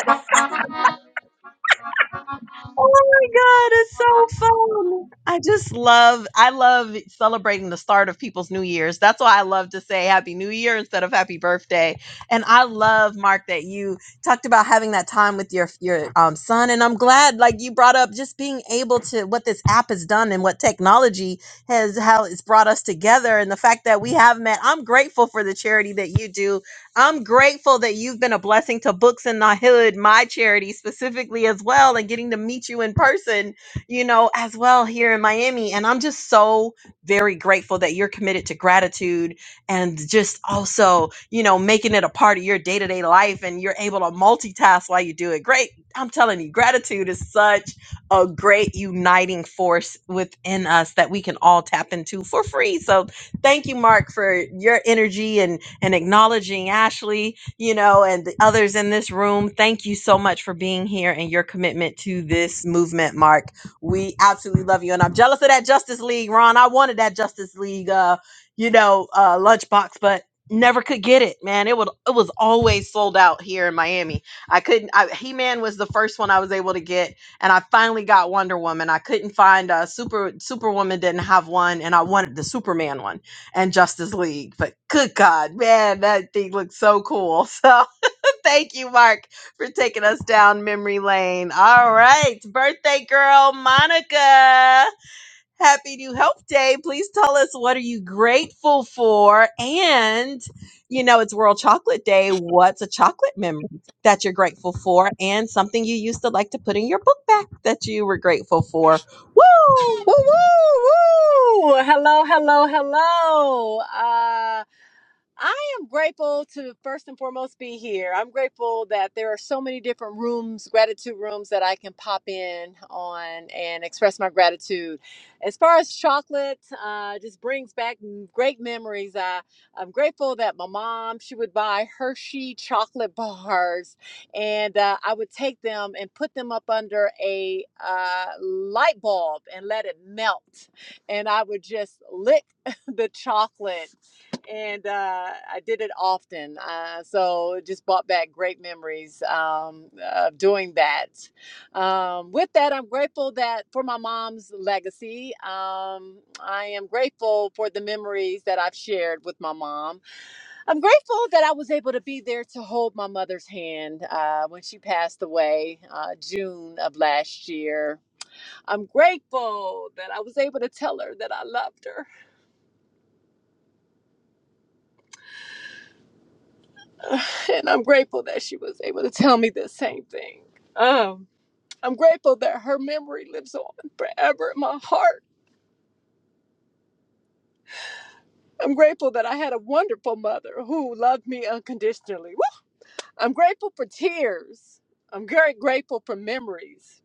S1: Oh my god, it's so fun. I just love I love celebrating the start of people's new years. That's why I love to say happy new year instead of happy birthday. And I love Mark that you talked about having that time with your your um, son and I'm glad like you brought up just being able to what this app has done and what technology has how it's brought us together and the fact that we have met. I'm grateful for the charity that you do I'm grateful that you've been a blessing to Books in the Hood, my charity specifically as well, and getting to meet you in person, you know, as well here in Miami. And I'm just so very grateful that you're committed to gratitude and just also, you know, making it a part of your day to day life and you're able to multitask while you do it. Great. I'm telling you, gratitude is such a great uniting force within us that we can all tap into for free. So thank you, Mark, for your energy and and acknowledging Ashley, you know, and the others in this room. Thank you so much for being here and your commitment to this movement, Mark. We absolutely love you. And I'm jealous of that Justice League, Ron. I wanted that Justice League, uh, you know, uh, lunchbox, but never could get it, man. It would it was always sold out here in Miami. I couldn't I, He-Man was the first one I was able to get and I finally got Wonder Woman. I couldn't find a Super Superwoman didn't have one and I wanted the Superman one and Justice League. But good God, man, that thing looks so cool. So thank you, Mark, for taking us down memory lane. All right, birthday girl, Monica. Happy New Health Day. Please tell us what are you grateful for? And you know, it's World Chocolate Day. What's a chocolate memory that you're grateful for and something you used to like to put in your book bag that you were grateful for?
S8: Woo!
S1: Woo!
S8: Woo! Woo! Hello, hello, hello. Uh, I am grateful to first and foremost be here. I'm grateful that there are so many different rooms, gratitude rooms that I can pop in on and express my gratitude. As far as chocolate, uh, just brings back m- great memories. I, I'm grateful that my mom she would buy Hershey chocolate bars, and uh, I would take them and put them up under a uh, light bulb and let it melt, and I would just lick the chocolate and uh, I did it often. Uh, so it just brought back great memories um, of doing that. Um, with that, I'm grateful that for my mom's legacy. Um, I am grateful for the memories that I've shared with my mom. I'm grateful that I was able to be there to hold my mother's hand uh, when she passed away uh, June of last year. I'm grateful that I was able to tell her that I loved her. and I'm grateful that she was able to tell me the same thing. Um, I'm grateful that her memory lives on forever in my heart. I'm grateful that I had a wonderful mother who loved me unconditionally. Woo! I'm grateful for tears. I'm very grateful for memories.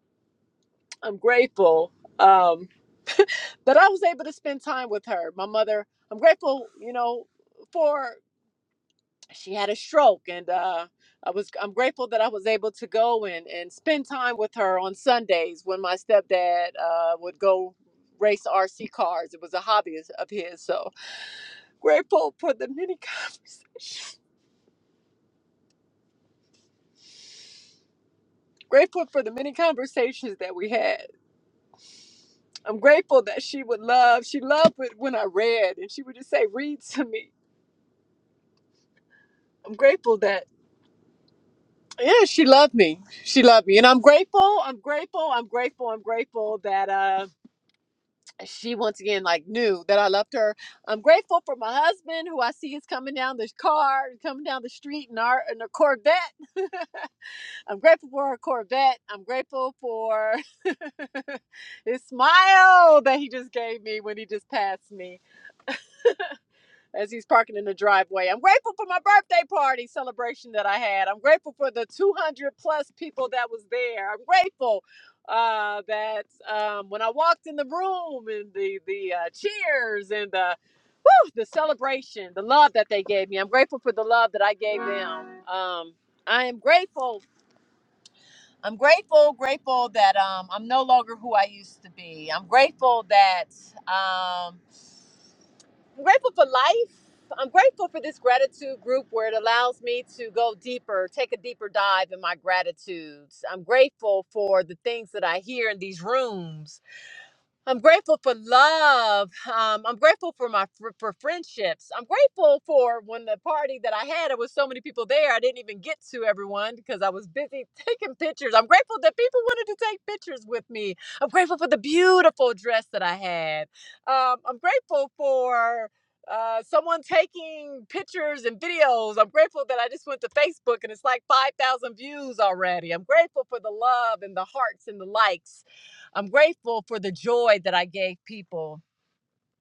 S8: I'm grateful um, that I was able to spend time with her, my mother. I'm grateful, you know, for she had a stroke and uh I was I'm grateful that I was able to go and and spend time with her on Sundays when my stepdad uh would go race RC cars. It was a hobby of of his. So grateful for the many conversations. Grateful for the many conversations that we had. I'm grateful that she would love. She loved it when I read and she would just say read to me. I'm grateful that yeah, she loved me. She loved me. And I'm grateful. I'm grateful. I'm grateful. I'm grateful that uh she once again like knew that I loved her. I'm grateful for my husband who I see is coming down this car, coming down the street in our in a Corvette. I'm grateful for her Corvette. I'm grateful for his smile that he just gave me when he just passed me as he's parking in the driveway. I'm grateful for my birthday party celebration that I had. I'm grateful for the 200 plus people that was there. I'm grateful uh, that um, when I walked in the room and the the uh, cheers and the whew, the celebration, the love that they gave me. I'm grateful for the love that I gave them. Um, I am grateful. I'm grateful, grateful that um, I'm no longer who I used to be. I'm grateful that. Um, I'm grateful for life. I'm grateful for this gratitude group where it allows me to go deeper, take a deeper dive in my gratitudes. I'm grateful for the things that I hear in these rooms I'm grateful for love. Um, I'm grateful for my for, for friendships. I'm grateful for when the party that I had, there was so many people there. I didn't even get to everyone because I was busy taking pictures. I'm grateful that people wanted to take pictures with me. I'm grateful for the beautiful dress that I had. Um, I'm grateful for uh, someone taking pictures and videos. I'm grateful that I just went to Facebook and it's like 5,000 views already. I'm grateful for the love and the hearts and the likes. I'm grateful for the joy that I gave people.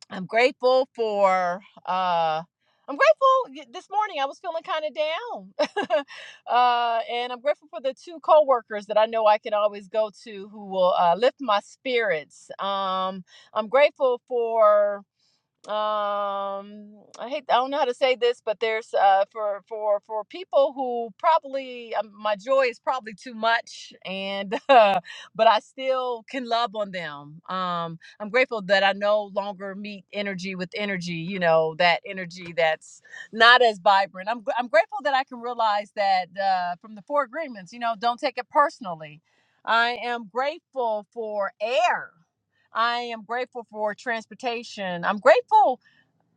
S8: I'm grateful for uh I'm grateful this morning I was feeling kind of down. uh and I'm grateful for the two coworkers that I know I can always go to who will uh lift my spirits. Um I'm grateful for um i hate i don't know how to say this but there's uh for for for people who probably um, my joy is probably too much and uh, but i still can love on them um i'm grateful that i no longer meet energy with energy you know that energy that's not as vibrant i'm, gr- I'm grateful that i can realize that uh from the four agreements you know don't take it personally i am grateful for air I am grateful for transportation. I'm grateful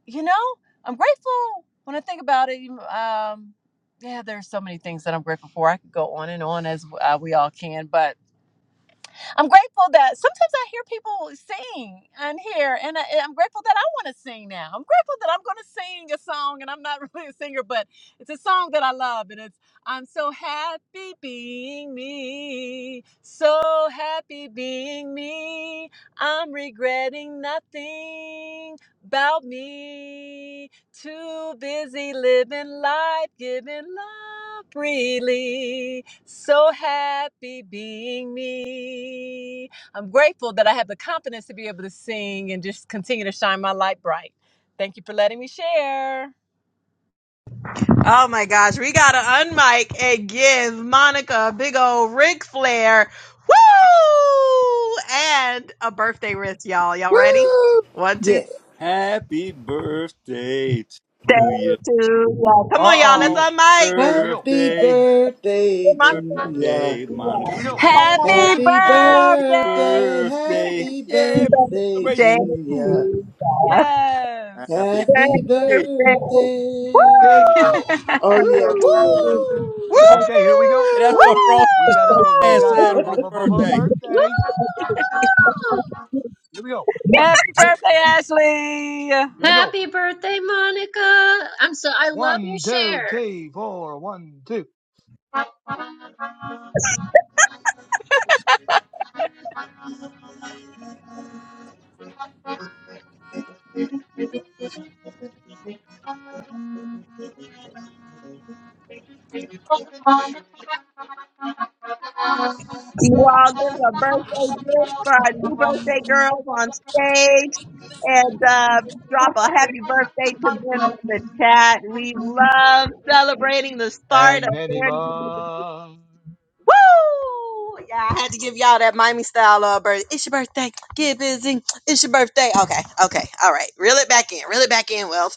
S8: you know, I'm grateful when I think about it. Um, yeah, there's so many things that I'm grateful for. I could go on and on as uh, we all can, but I'm grateful that sometimes I hear people sing on here, and I, and I'm grateful that I want to sing now. I'm grateful that I'm going to sing a song, and I'm not really a singer, but it's a song that I love, and it's I'm so happy being me, so happy being me. I'm regretting nothing about me. Too busy living life, giving love freely. So happy being me. I'm grateful that I have the confidence to be able to sing and just continue to shine my light bright. Thank you for letting me share.
S1: Oh my gosh, we gotta unmic and give Monica a big old Ric Flair. Woo! And a birthday wrist, y'all. Y'all ready?
S5: Woo!
S1: One, One, two,
S10: Yes.
S5: Happy birthday
S1: three,
S5: to you.
S1: two, one. Come on, y'all. Let's
S5: Happy
S11: Uh-oh.
S1: unmic.
S11: Here we go.
S10: Happy
S5: birthday,
S10: birthday to
S1: Monica.
S10: ya.
S5: birthday, Monica.
S11: Here we go.
S8: Happy
S10: Happy
S5: Happy
S8: birthday!
S10: birthday,
S5: birthday.
S10: happy
S5: Yeah, we
S10: birthday to
S1: Birthday.
S5: celebrate
S10: ya.
S5: you.
S6: Happy
S8: Yes.
S10: Happy
S5: Yay.
S10: birthday.
S6: New
S11: Okay.
S6: Year.
S10: Oh yeah,
S6: Woo!
S10: woo!
S11: Okay, here we go.
S5: And that's
S8: Woo!
S5: what
S9: Woo!
S5: Frosty
S11: We
S5: the
S11: got a bu- we
S5: Snowman
S11: got
S5: said
S11: some
S5: on his
S11: bubba bubba
S5: birthday.
S7: Woo!
S11: birthday. Here we go.
S1: Woo!
S11: One,
S8: Happy
S11: two,
S8: birthday,
S11: three.
S8: Ashley.
S11: Here we go.
S7: Happy birthday, Monica. I'm so, I love your
S11: One, two,
S7: share.
S11: three, four, one, two.
S1: You all give a birthday gift for our new birthday girls on stage and uh, drop a happy birthday to them in the chat. We love celebrating the start of
S11: And many more.
S1: Woo! Yeah, I had to give y'all that Miami style uh birth. It's your birthday. Get busy. It's your birthday. Okay, okay, all right. Reel it back in. Reel it back in, Will.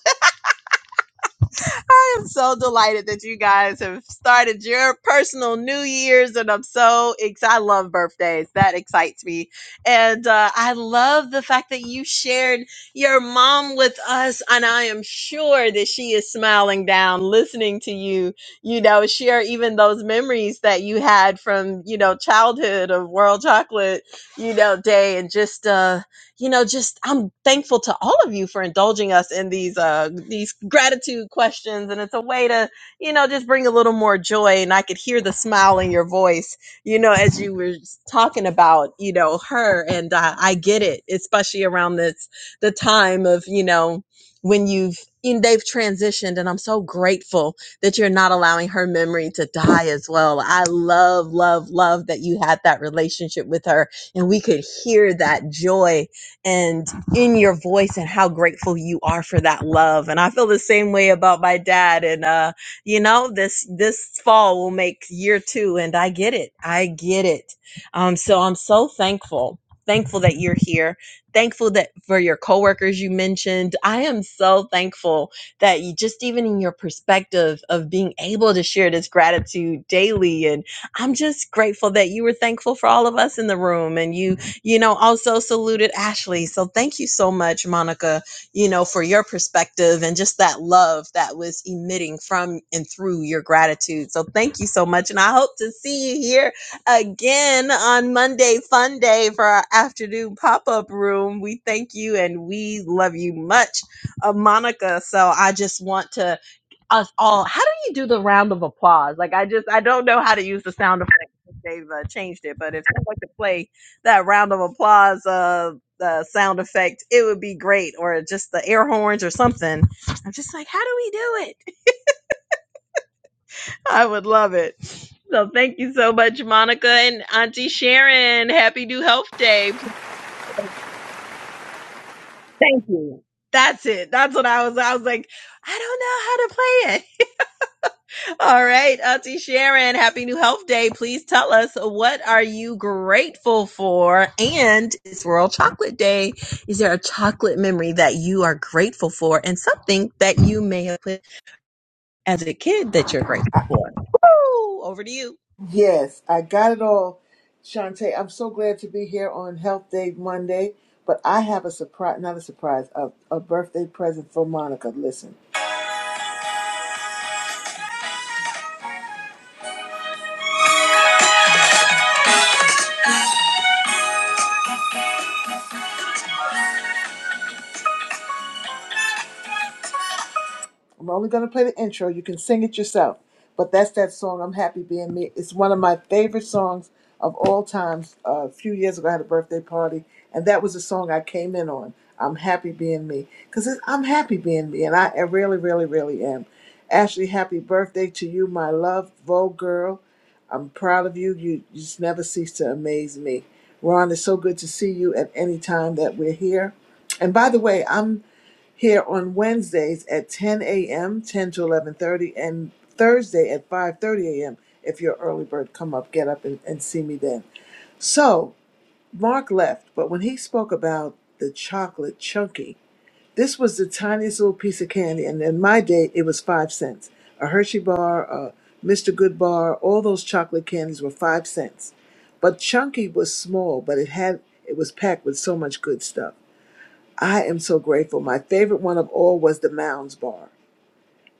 S1: I am so delighted that you guys have started your personal New Year's, and I'm so excited. I love birthdays; that excites me, and uh, I love the fact that you shared your mom with us, and I am sure that she is smiling down, listening to you. You know, share even those memories that you had from you know childhood of World Chocolate, you know, Day, and just. uh you know, just I'm thankful to all of you for indulging us in these uh these gratitude questions and it's a way to, you know, just bring a little more joy and I could hear the smile in your voice, you know, as you were talking about, you know, her and uh, I get it, especially around this the time of, you know, when you've and they've transitioned and I'm so grateful that you're not allowing her memory to die as well. I love love love that you had that relationship with her and we could hear that joy and in your voice and how grateful you are for that love. And I feel the same way about my dad. And uh, you know, this this fall will make year two, and I get it. I get it. Um, so I'm so thankful. Thankful that you're here. Thankful that for your coworkers you mentioned. I am so thankful that you just even in your perspective of being able to share this gratitude daily. And I'm just grateful that you were thankful for all of us in the room and you you know, also saluted Ashley. So thank you so much, Monica, you know, for your perspective and just that love that was emitting from and through your gratitude. So thank you so much. And I hope to see you here again on Monday, Fun Day, for our afternoon pop up room. We thank you and we love you much, uh, Monica. So I just want to us all. How do you do the round of applause? Like I just I don't know how to use the sound effect. They've uh, changed it, but if someone could play that round of applause uh the sound effect it would be great or just the air horns or something i'm just like how do we do it i would love it so thank you so much monica and auntie sharon happy new health day thank you that's it that's what i was i was like i don't know how to play it All right, Auntie Sharon, happy new health day. Please tell us what are you grateful for? And it's World Chocolate Day. Is there a chocolate memory that you are grateful for and something that you may have put as a kid that you're grateful
S10: I,
S1: for? Woo! Over to you.
S10: yes, I got it all. Shantae, I'm so glad to be here on Health Day Monday, but I have a surprise, not a surprise, a, a birthday present for Monica. Listen. I'm only going to play the intro. You can sing it yourself. But that's that song, I'm Happy Being Me. It's one of my favorite songs of all times. Uh, a few years ago, I had a birthday party, and that was the song I came in on. I'm Happy Being Me. Because I'm happy being me, and I, I really, really, really am. Ashley, happy birthday to you, my love, Vogue girl. I'm proud of you. You you just never cease to amaze me. Ron, it's so good to see you at any time that we're here. And by the way, I'm here on Wednesdays at 10 a.m., 10 to 11:30, and Thursday at 5:30 a.m. If you're an early bird, come up, get up, and, and see me then. So Mark left, but when he spoke about the chocolate chunky, this was the tiniest little piece of candy, and in my day, it was five cents. A Hershey bar, a Mr. Good bar, all those chocolate candies were five cents. But chunky was small, but it had it was packed with so much good stuff. I am so grateful. My favorite one of all was the Mounds Bar.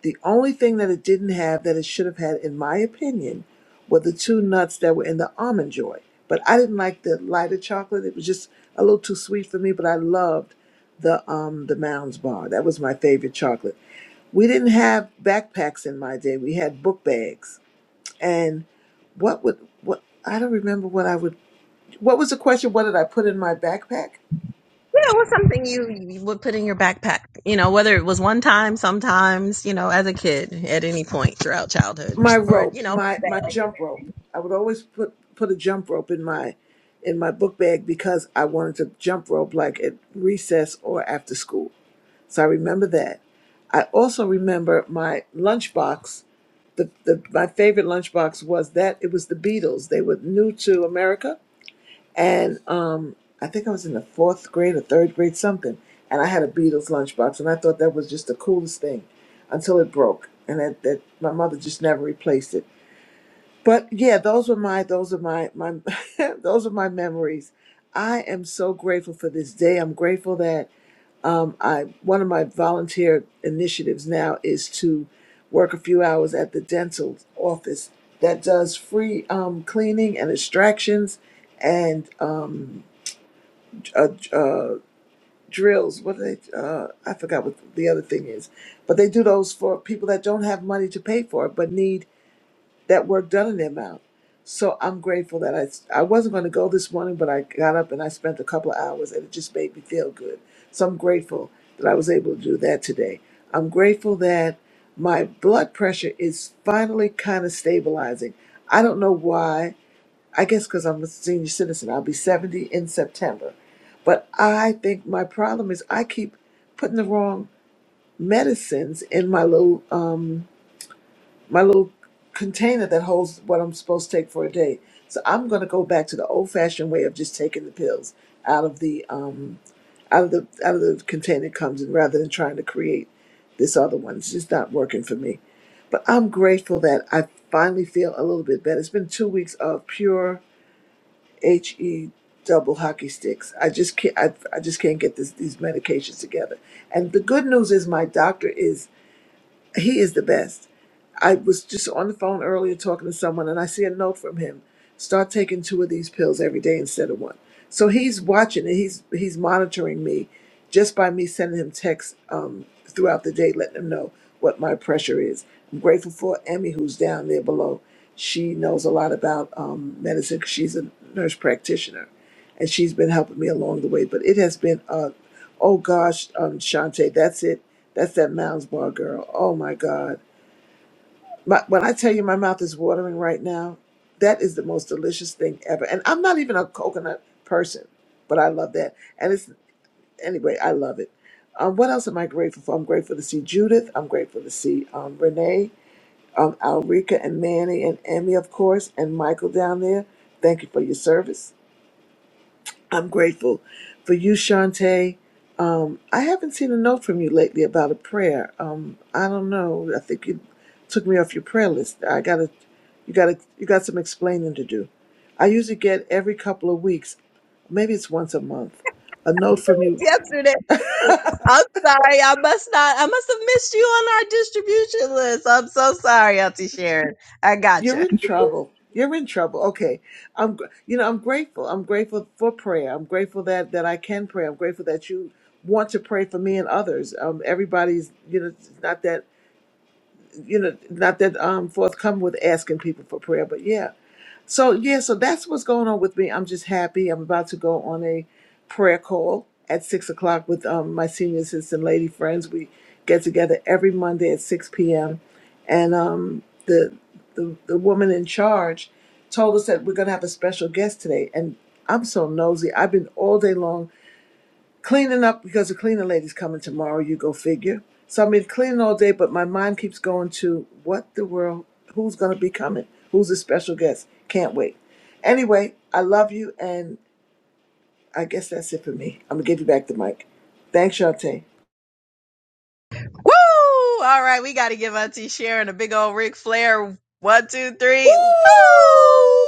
S10: The only thing that it didn't have that it should have had, in my opinion, were the two nuts that were in the Almond Joy. But I didn't like the lighter chocolate. It was just a little too sweet for me, but I loved the um the Mounds Bar. That was my favorite chocolate. We didn't have backpacks in my day. We had book bags. And what would what I don't remember what I would what was the question? What did I put in my backpack?
S1: Yeah, what's something you, you would put in your backpack? You know, whether it was one time, sometimes, you know, as a kid, at any point throughout childhood,
S10: my
S1: or you
S10: ropes,
S1: know,
S10: my my jump rope. I would always put put a jump rope in my in my book bag because I wanted to jump rope like at recess or after school. So I remember that. I also remember my lunchbox. The, the my favorite lunchbox was that it was the Beatles. They were new to America, and um, I think I was in the fourth grade or third grade something. And I had a Beatles lunchbox, and I thought that was just the coolest thing, until it broke, and that, that my mother just never replaced it. But yeah, those are my those are my my those are my memories. I am so grateful for this day. I'm grateful that um, I one of my volunteer initiatives now is to work a few hours at the dental office that does free um, cleaning and extractions and um, uh, uh, drills. What are they? Uh, I forgot what the other thing is, but they do those for people that don't have money to pay for it but need that work done in their mouth. So I'm grateful that I I wasn't going to go this morning, but I got up and I spent a couple of hours, and it just made me feel good. So I'm grateful that I was able to do that today. I'm grateful that my blood pressure is finally kind of stabilizing. I don't know why. I guess because I'm a senior citizen. I'll be 70 in September. But I think my problem is I keep putting the wrong medicines in my little um, my little container that holds what I'm supposed to take for a day. So I'm going to go back to the old fashioned way of just taking the pills out of the um out of the out of the container it comes in rather than trying to create this other one. It's just not working for me. But I'm grateful that I finally feel a little bit better. It's been two weeks of pure HE double hockey sticks. I just can't I, I just can't get this, these medications together. And the good news is my doctor is he is the best. I was just on the phone earlier talking to someone and I see a note from him. Start taking two of these pills every day instead of one. So he's watching it. He's he's monitoring me just by me sending him texts um, throughout the day, letting him know what my pressure is. I'm grateful for Emmy, who's down there below. She knows a lot about um, medicine. 'cause She's a nurse practitioner and she's been helping me along the way. But it has been, uh, oh gosh, um, Shante, that's it. That's that Mounds Bar girl. Oh my God. My, when I tell you my mouth is watering right now, that is the most delicious thing ever. And I'm not even a coconut person, but I love that. And it's, anyway, I love it. Um, what else am I grateful for? I'm grateful to see Judith. I'm grateful to see um, Renee, um, Alrika, and Manny, and Emmy, of course, and Michael down there. Thank you for your service. I'm grateful for you, Shantae. Um, I haven't seen a note from you lately about a prayer. Um, I don't know. I think you took me off your prayer list. I gotta, you gotta, you got some explaining to do. I usually get every couple of weeks, maybe it's once a month, a note from you.
S1: yesterday. I'm sorry. I must not. I must have missed you on our distribution list. I'm so sorry, Auntie Sharon. I
S10: You're
S1: gotcha.
S10: in trouble. You're in trouble. Okay, I'm. gr- You know, I'm grateful. I'm grateful for prayer. I'm grateful that that I can pray. I'm grateful that you want to pray for me and others. Um, everybody's. You know, it's not that. you know, not that um forthcoming with asking people for prayer, but yeah. So yeah, so that's what's going on with me. I'm just happy. I'm about to go on a prayer call at six o'clock with um my senior assistant lady friends. We get together every Monday at six p.m. and um the the the woman in charge told us that we're gonna have a special guest today, and I'm so nosy. I've been all day long Cleaning up because the cleaning lady's coming tomorrow, you go figure. So I've been cleaning all day, but my mind keeps going to what the world, who's going to be coming? Who's the special guest? Can't wait. Anyway, I love you, and I guess that's it for me. I'm going to give you back the mic. Thanks, Shante.
S1: Woo! All right, we got to give Auntie Sharon a big old Ric Flair. One, two,
S10: Woo!
S1: three. Woo!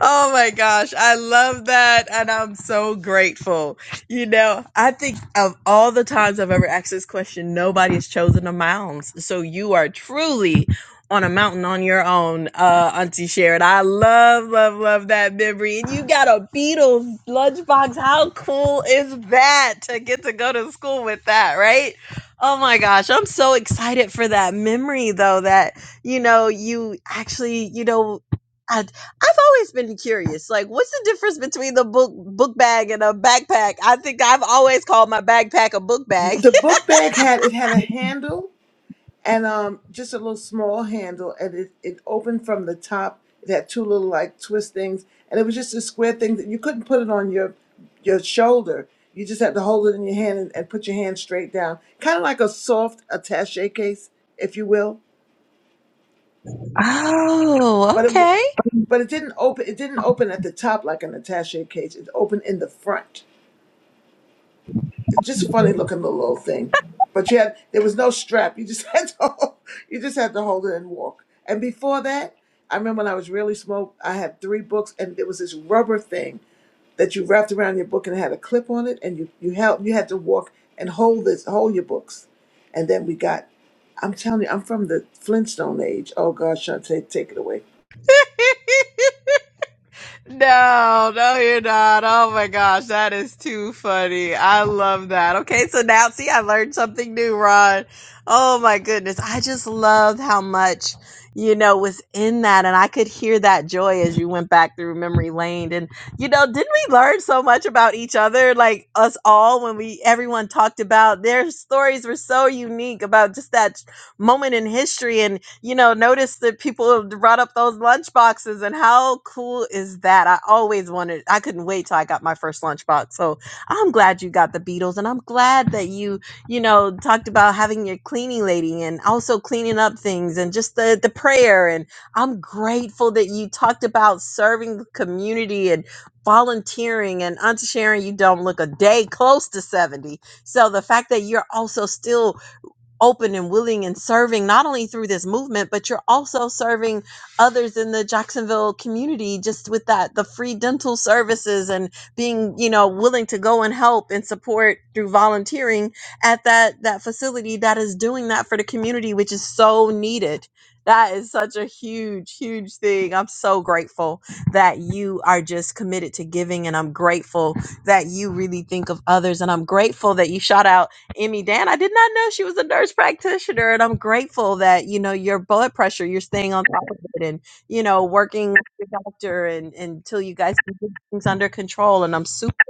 S1: Oh my gosh, I love that, and I'm so grateful. You know, I think of all the times I've ever asked this question, nobody has chosen the mounds. So you are truly on a mountain on your own, uh, Auntie Sharon. I love, love, love that memory. And you got a Beatles lunchbox. How cool is that to get to go to school with that, right? Oh my gosh, I'm so excited for that memory though, that you know, you actually, you know. I've always been curious. Like, what's the difference between the book book bag and a backpack? I think I've always called my backpack a book bag.
S10: the book bag had, it had a handle and um, just a little small handle, and it, it opened from the top. It had two little like twist things, and it was just a square thing that you couldn't put it on your your shoulder. You just had to hold it in your hand and, and put your hand straight down, kind of like a soft attaché case, if you will.
S1: Oh,
S10: But it w-
S1: okay.
S10: but it didn't open. It didn't open at the top like an attaché case. It opened in the front it's just a funny looking little, thing. But you had there was no strap. You just had to hold, you just had to hold it and walk. And before that, I remember when I was really small, I had three books, and there was this rubber thing that you wrapped around your book and it had a clip on it, and you you held you had to walk and hold this hold your books. And then we got, I'm telling you, I'm from the Flintstone age. Oh gosh, Shantae, take it away.
S1: No, no, you're not. Oh my gosh, that is too funny. I love that. Okay, so now see, I learned something new, Ron. Oh my goodness. I just loved how much, you know, was in that. And I could hear that joy as you went back through memory lane. And, you know, didn't we learn so much about each other, like us all, when we, everyone talked about their stories were so unique about just that moment in history you know, notice that people brought up those lunch boxes and how cool is that? I always wanted, I couldn't wait till I got my first lunch box. So I'm glad you got the Beatles and I'm glad that you, you know, talked about having your cleaning lady and also cleaning up things and just the, the prayer. And I'm grateful that you talked about serving the community and volunteering and Auntie Sharon, you don't look a day close to 70. So the fact that you're also still open and willing and serving not only through this movement but you're also serving others in the Jacksonville community just with that the free dental services and being you know willing to go and help and support through volunteering at that that facility that is doing that for the community which is so needed that is such a huge huge thing i'm so grateful that you are just committed to giving and i'm grateful that you really think of others and i'm grateful that you shout out Emmy Dan. I did not know she was a nurse practitioner, and I'm grateful that you know your blood pressure, you're staying on top of it, and you know working with your doctor and until you guys can get things under control. And I'm super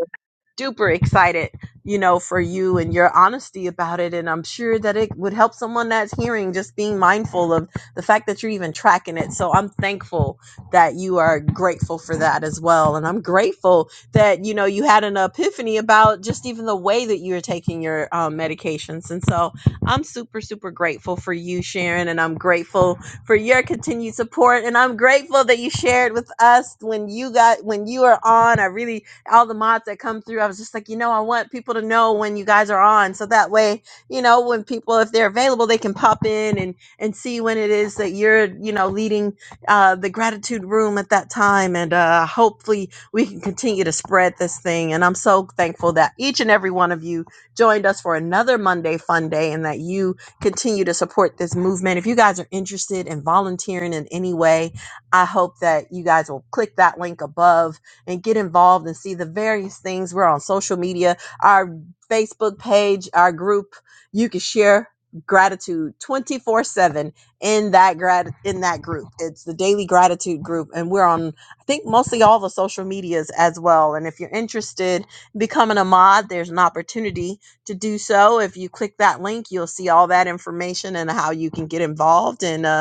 S1: duper excited, you know, for you and your honesty about it. And I'm sure that it would help someone that's hearing just being mindful of the fact that you're even tracking it. So I'm thankful that you are grateful for that as well. And I'm grateful that, you know, you had an epiphany about just even the way that you're taking your um, medications. And so I'm super, super grateful for you, Sharon. And I'm grateful for your continued support. And I'm grateful that you shared with us when you got, when you were on. I really all the mods that come through. I was just like, you know, I want people to know when you guys are on, so that way, you know, when people, if they're available, they can pop in and and see when it is that you're, you know, leading uh, the gratitude room at that time. And uh, hopefully, we can continue to spread this thing. And I'm so thankful that each and every one of you joined us for another Monday Fun Day, and that you continue to support this movement. If you guys are interested in volunteering in any way, I hope that you guys will click that link above and get involved and see the various things. We're on social media, our Facebook page, our group. You can share gratitude 24/7 in that grad in that group. It's the Daily Gratitude group and we're on I think mostly all the social medias as well. And if you're interested in becoming a mod, there's an opportunity to do so. If you click that link, you'll see all that information and how you can get involved and uh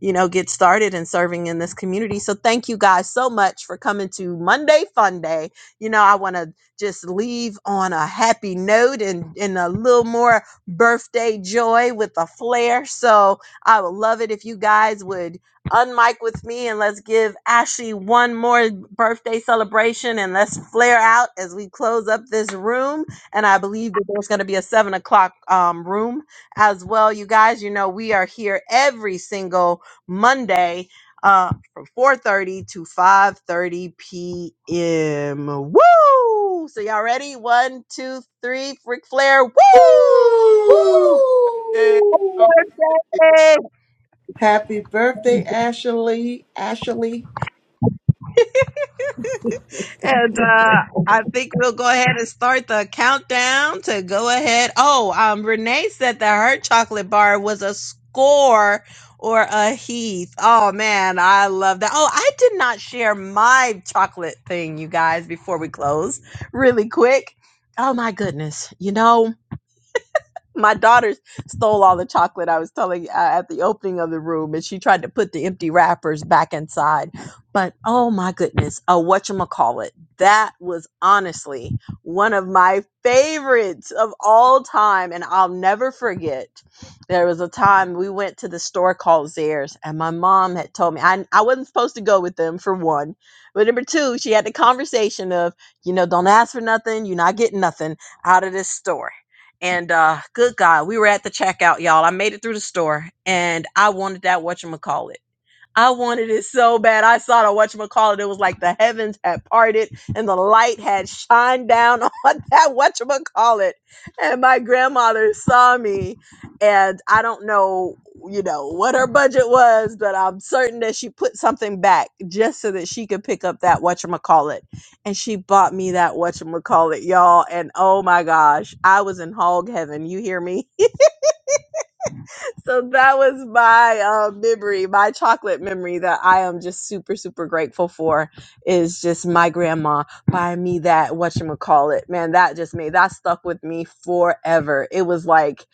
S1: you know, get started in serving in this community. So thank you guys so much for coming to Monday Fun Day. You know, I want to just leave on a happy note and, and a little more birthday joy with a flair. So I would love it if you guys would unmic with me and let's give Ashley one more birthday celebration and let's flare out as we close up this room. And I believe that there's going to be a seven o'clock um, room as well. You guys, you know, we are here every single Monday uh, from 4.30 to 5.30 p.m. Woo! So y'all ready? One, two, three. Freak Flair. Woo!
S5: Woo! Happy day,
S10: Woo!
S5: Frosty.
S1: Birthday!
S10: Happy birthday, Ashley. Ashley.
S1: And uh, I think we'll go ahead and start the countdown to go ahead. Oh, um, Renee said that her chocolate bar was a score or a Heath. Oh man, I love that. Oh, I did not share my chocolate thing, you guys, before we close. Really quick. Oh my goodness. You know, my daughter stole all the chocolate I was telling uh, at the opening of the room, and she tried to put the empty wrappers back inside. But oh my goodness, uh, whatchamacallit? That was honestly one of my favorites of all time, and I'll never forget. There was a time we went to the store called Zares, and my mom had told me I, I wasn't supposed to go with them for one. But number two, she had the conversation of, you know, don't ask for nothing, you're not getting nothing out of this store. And uh, good God, we were at the checkout, y'all. I made it through the store and I wanted that whatchamacallit. I wanted it so bad. I saw the whatchamacallit. It was like the heavens had parted and the light had shined down on that whatchamacallit. And my grandmother saw me. And I don't know, you know, what her budget was, but I'm certain that she put something back just so that she could pick up that whatchamacallit. And she bought me that whatchamacallit, y'all. And oh my gosh, I was in hog heaven. You hear me? so that was my uh, memory, my chocolate memory that I am just super, super grateful for is just my grandma buying me that whatchamacallit. Man, that just made that stuck with me forever. It was like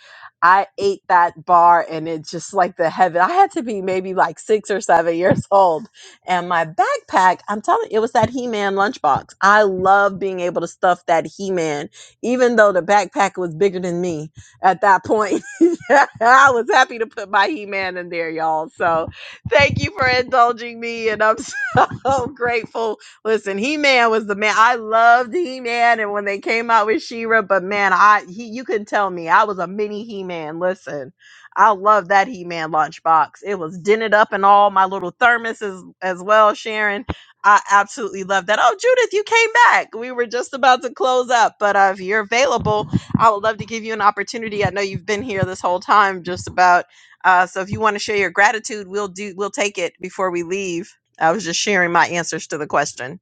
S1: I ate that bar and it just like the heaven. I had to be maybe like six or seven years old. And my backpack, I'm telling you, it was that He Man lunchbox. I love being able to stuff that He Man, even though the backpack was bigger than me at that point. I was happy to put my He Man in there, y'all. So thank you for indulging me. And I'm so grateful. Listen, He Man was the man. I loved He Man. And when they came out with She Ra, but man, I he, you couldn't tell me. I was a mini He Man. Listen, I love that He Man lunchbox. It was dented up in all my little thermoses as well, Sharon. I absolutely love that. Oh, Judith, you came back. We were just about to close up, but uh, if you're available, I would love to give you an opportunity. I know you've been here this whole time, just about. Uh, so if you want to share your gratitude, we'll do. We'll take it before we leave. I was just sharing my answers to the question.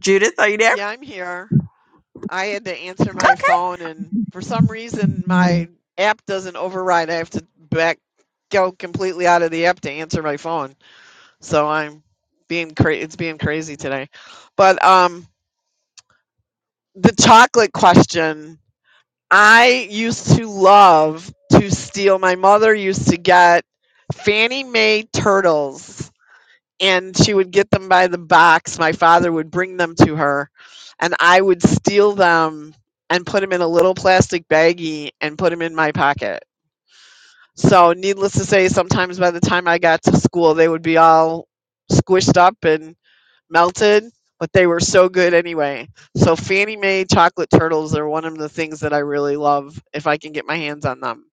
S1: Judith, are you there?
S9: Yeah, I'm here. I had to answer my
S1: Okay.
S9: phone, and for some reason, my app doesn't override. I have to back go completely out of the app to answer my phone. So I'm being cra- it's being crazy today. But um, the chocolate question. I used to love to steal. My mother used to get Fannie Mae turtles and she would get them by the box. My father would bring them to her, and I would steal them and put them in a little plastic baggie and put them in my pocket. So, needless to say, sometimes by the time I got to school, they would be all squished up and melted, but they were so good anyway. So, Fannie Mae chocolate turtles are one of the things that I really love if I can get my hands on them.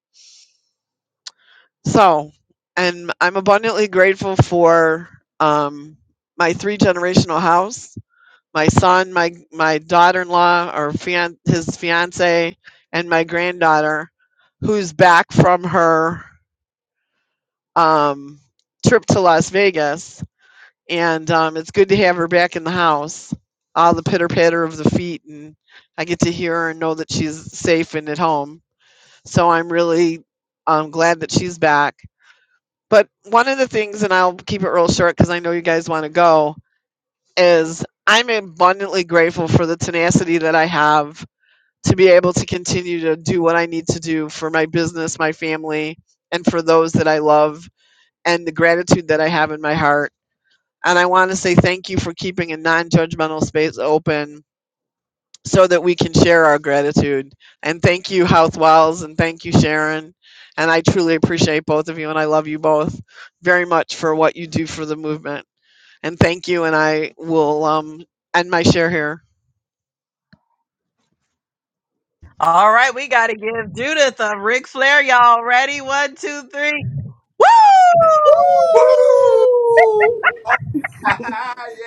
S9: So, and I'm abundantly grateful for um, my three generational house my son, my my daughter-in-law or fian- his fiance, and my granddaughter, who's back from her um, trip to Las Vegas, and um, it's good to have her back in the house. All the pitter patter of the feet, and I get to hear her and know that she's safe and at home. So I'm really um, glad that she's back. But one of the things, and I'll keep it real short because I know you guys want to go, is I'm abundantly grateful for the tenacity that I have to be able to continue to do what I need to do for my business, my family, and for those that I love, and the gratitude that I have in my heart. And I want to say thank you for keeping a non judgmental space open so that we can share our gratitude. And thank you, Health Wells, and thank you, Sharon. And I truly appreciate both of you, and I love you both very much for what you do for the movement. And thank you, and I will um, end my share here.
S1: All right, we got to give Judith a Ric Flair. Y'all ready? One, two, three. Woo!
S5: Woo!
S10: Woo!
S5: Oh,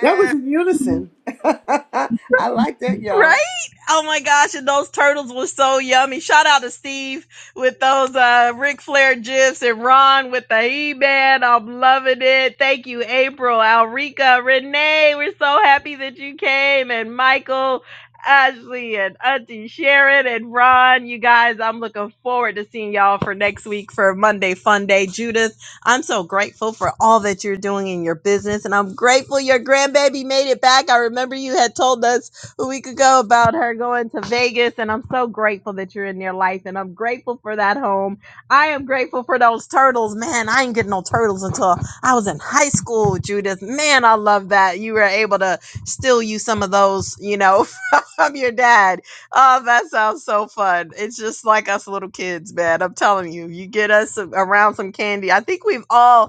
S10: That was in unison. I like that, y'all.
S1: Right? Oh my gosh, and those turtles were so yummy. Shout out to Steve with those uh Ric Flair gifs and Ron with the E-Man. I'm loving it. Thank you, April, Alrika, Renee. We're so happy that you came. And Michael, Ashley, and Auntie Sharon and Ron. You guys, I'm looking forward to seeing y'all for next week for Monday Fun Day. Judith, I'm so grateful for all that you're doing in your business, and I'm grateful your grandbaby made it back. I remember you had told us a week ago about her going to Vegas, and I'm so grateful that you're in your life, and I'm grateful for that home. I am grateful for those turtles, man. I ain't getting no turtles until I was in high school, Judith. Man, I love that you were able to still use some of those, you know, from your dad. Oh, that sounds so fun. It's just like us little kids, man. I'm telling you, you get us around some candy. I think we've all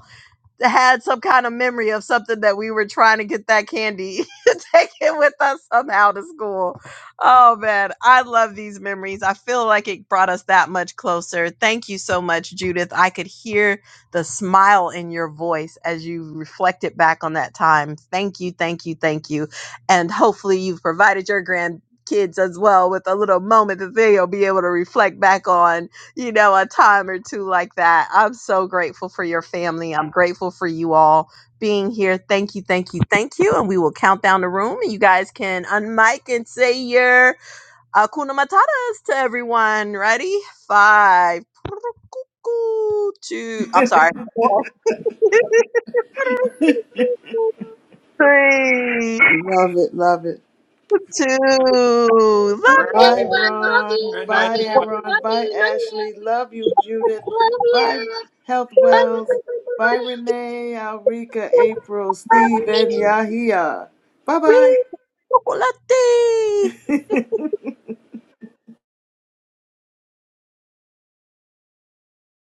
S1: had some kind of memory of something that we were trying to get that candy to take it with us somehow to school. Oh man, I love these memories. I feel like it brought us that much closer. Thank you so much, Judith. I could hear the smile in your voice as you reflected back on that time. Thank you, thank you, thank you. And hopefully you've provided your grandkids as well with a little moment that they'll be able to reflect back on you know, a time or two like that. I'm so grateful for your family. I'm grateful for you all being here. Thank you, thank you, thank you. And we will count down the room and you guys can unmic and say your akuna matatas to everyone. Ready? Five. Two. I'm sorry. Three,
S10: Love it, love it.
S1: two, love
S7: Hi,
S10: Bye,
S1: you,
S7: everyone. Love
S10: Ron.
S7: you.
S5: Very
S7: Love
S10: Bye,
S5: nice.
S7: you.
S10: Aaron.
S7: Love
S10: Bye,
S7: you.
S10: Ashley.
S7: Monday.
S10: Love you, Judith.
S7: Love
S10: Bye,
S7: you.
S10: Health
S7: Bye. Bye.
S10: Wells.
S7: Bye. Bye.
S10: Bye,
S7: Bye.
S10: Renee, Alrika, April, Steve,
S7: Love
S10: and
S7: you.
S10: Yahia. Bye bye.
S1: chocolate.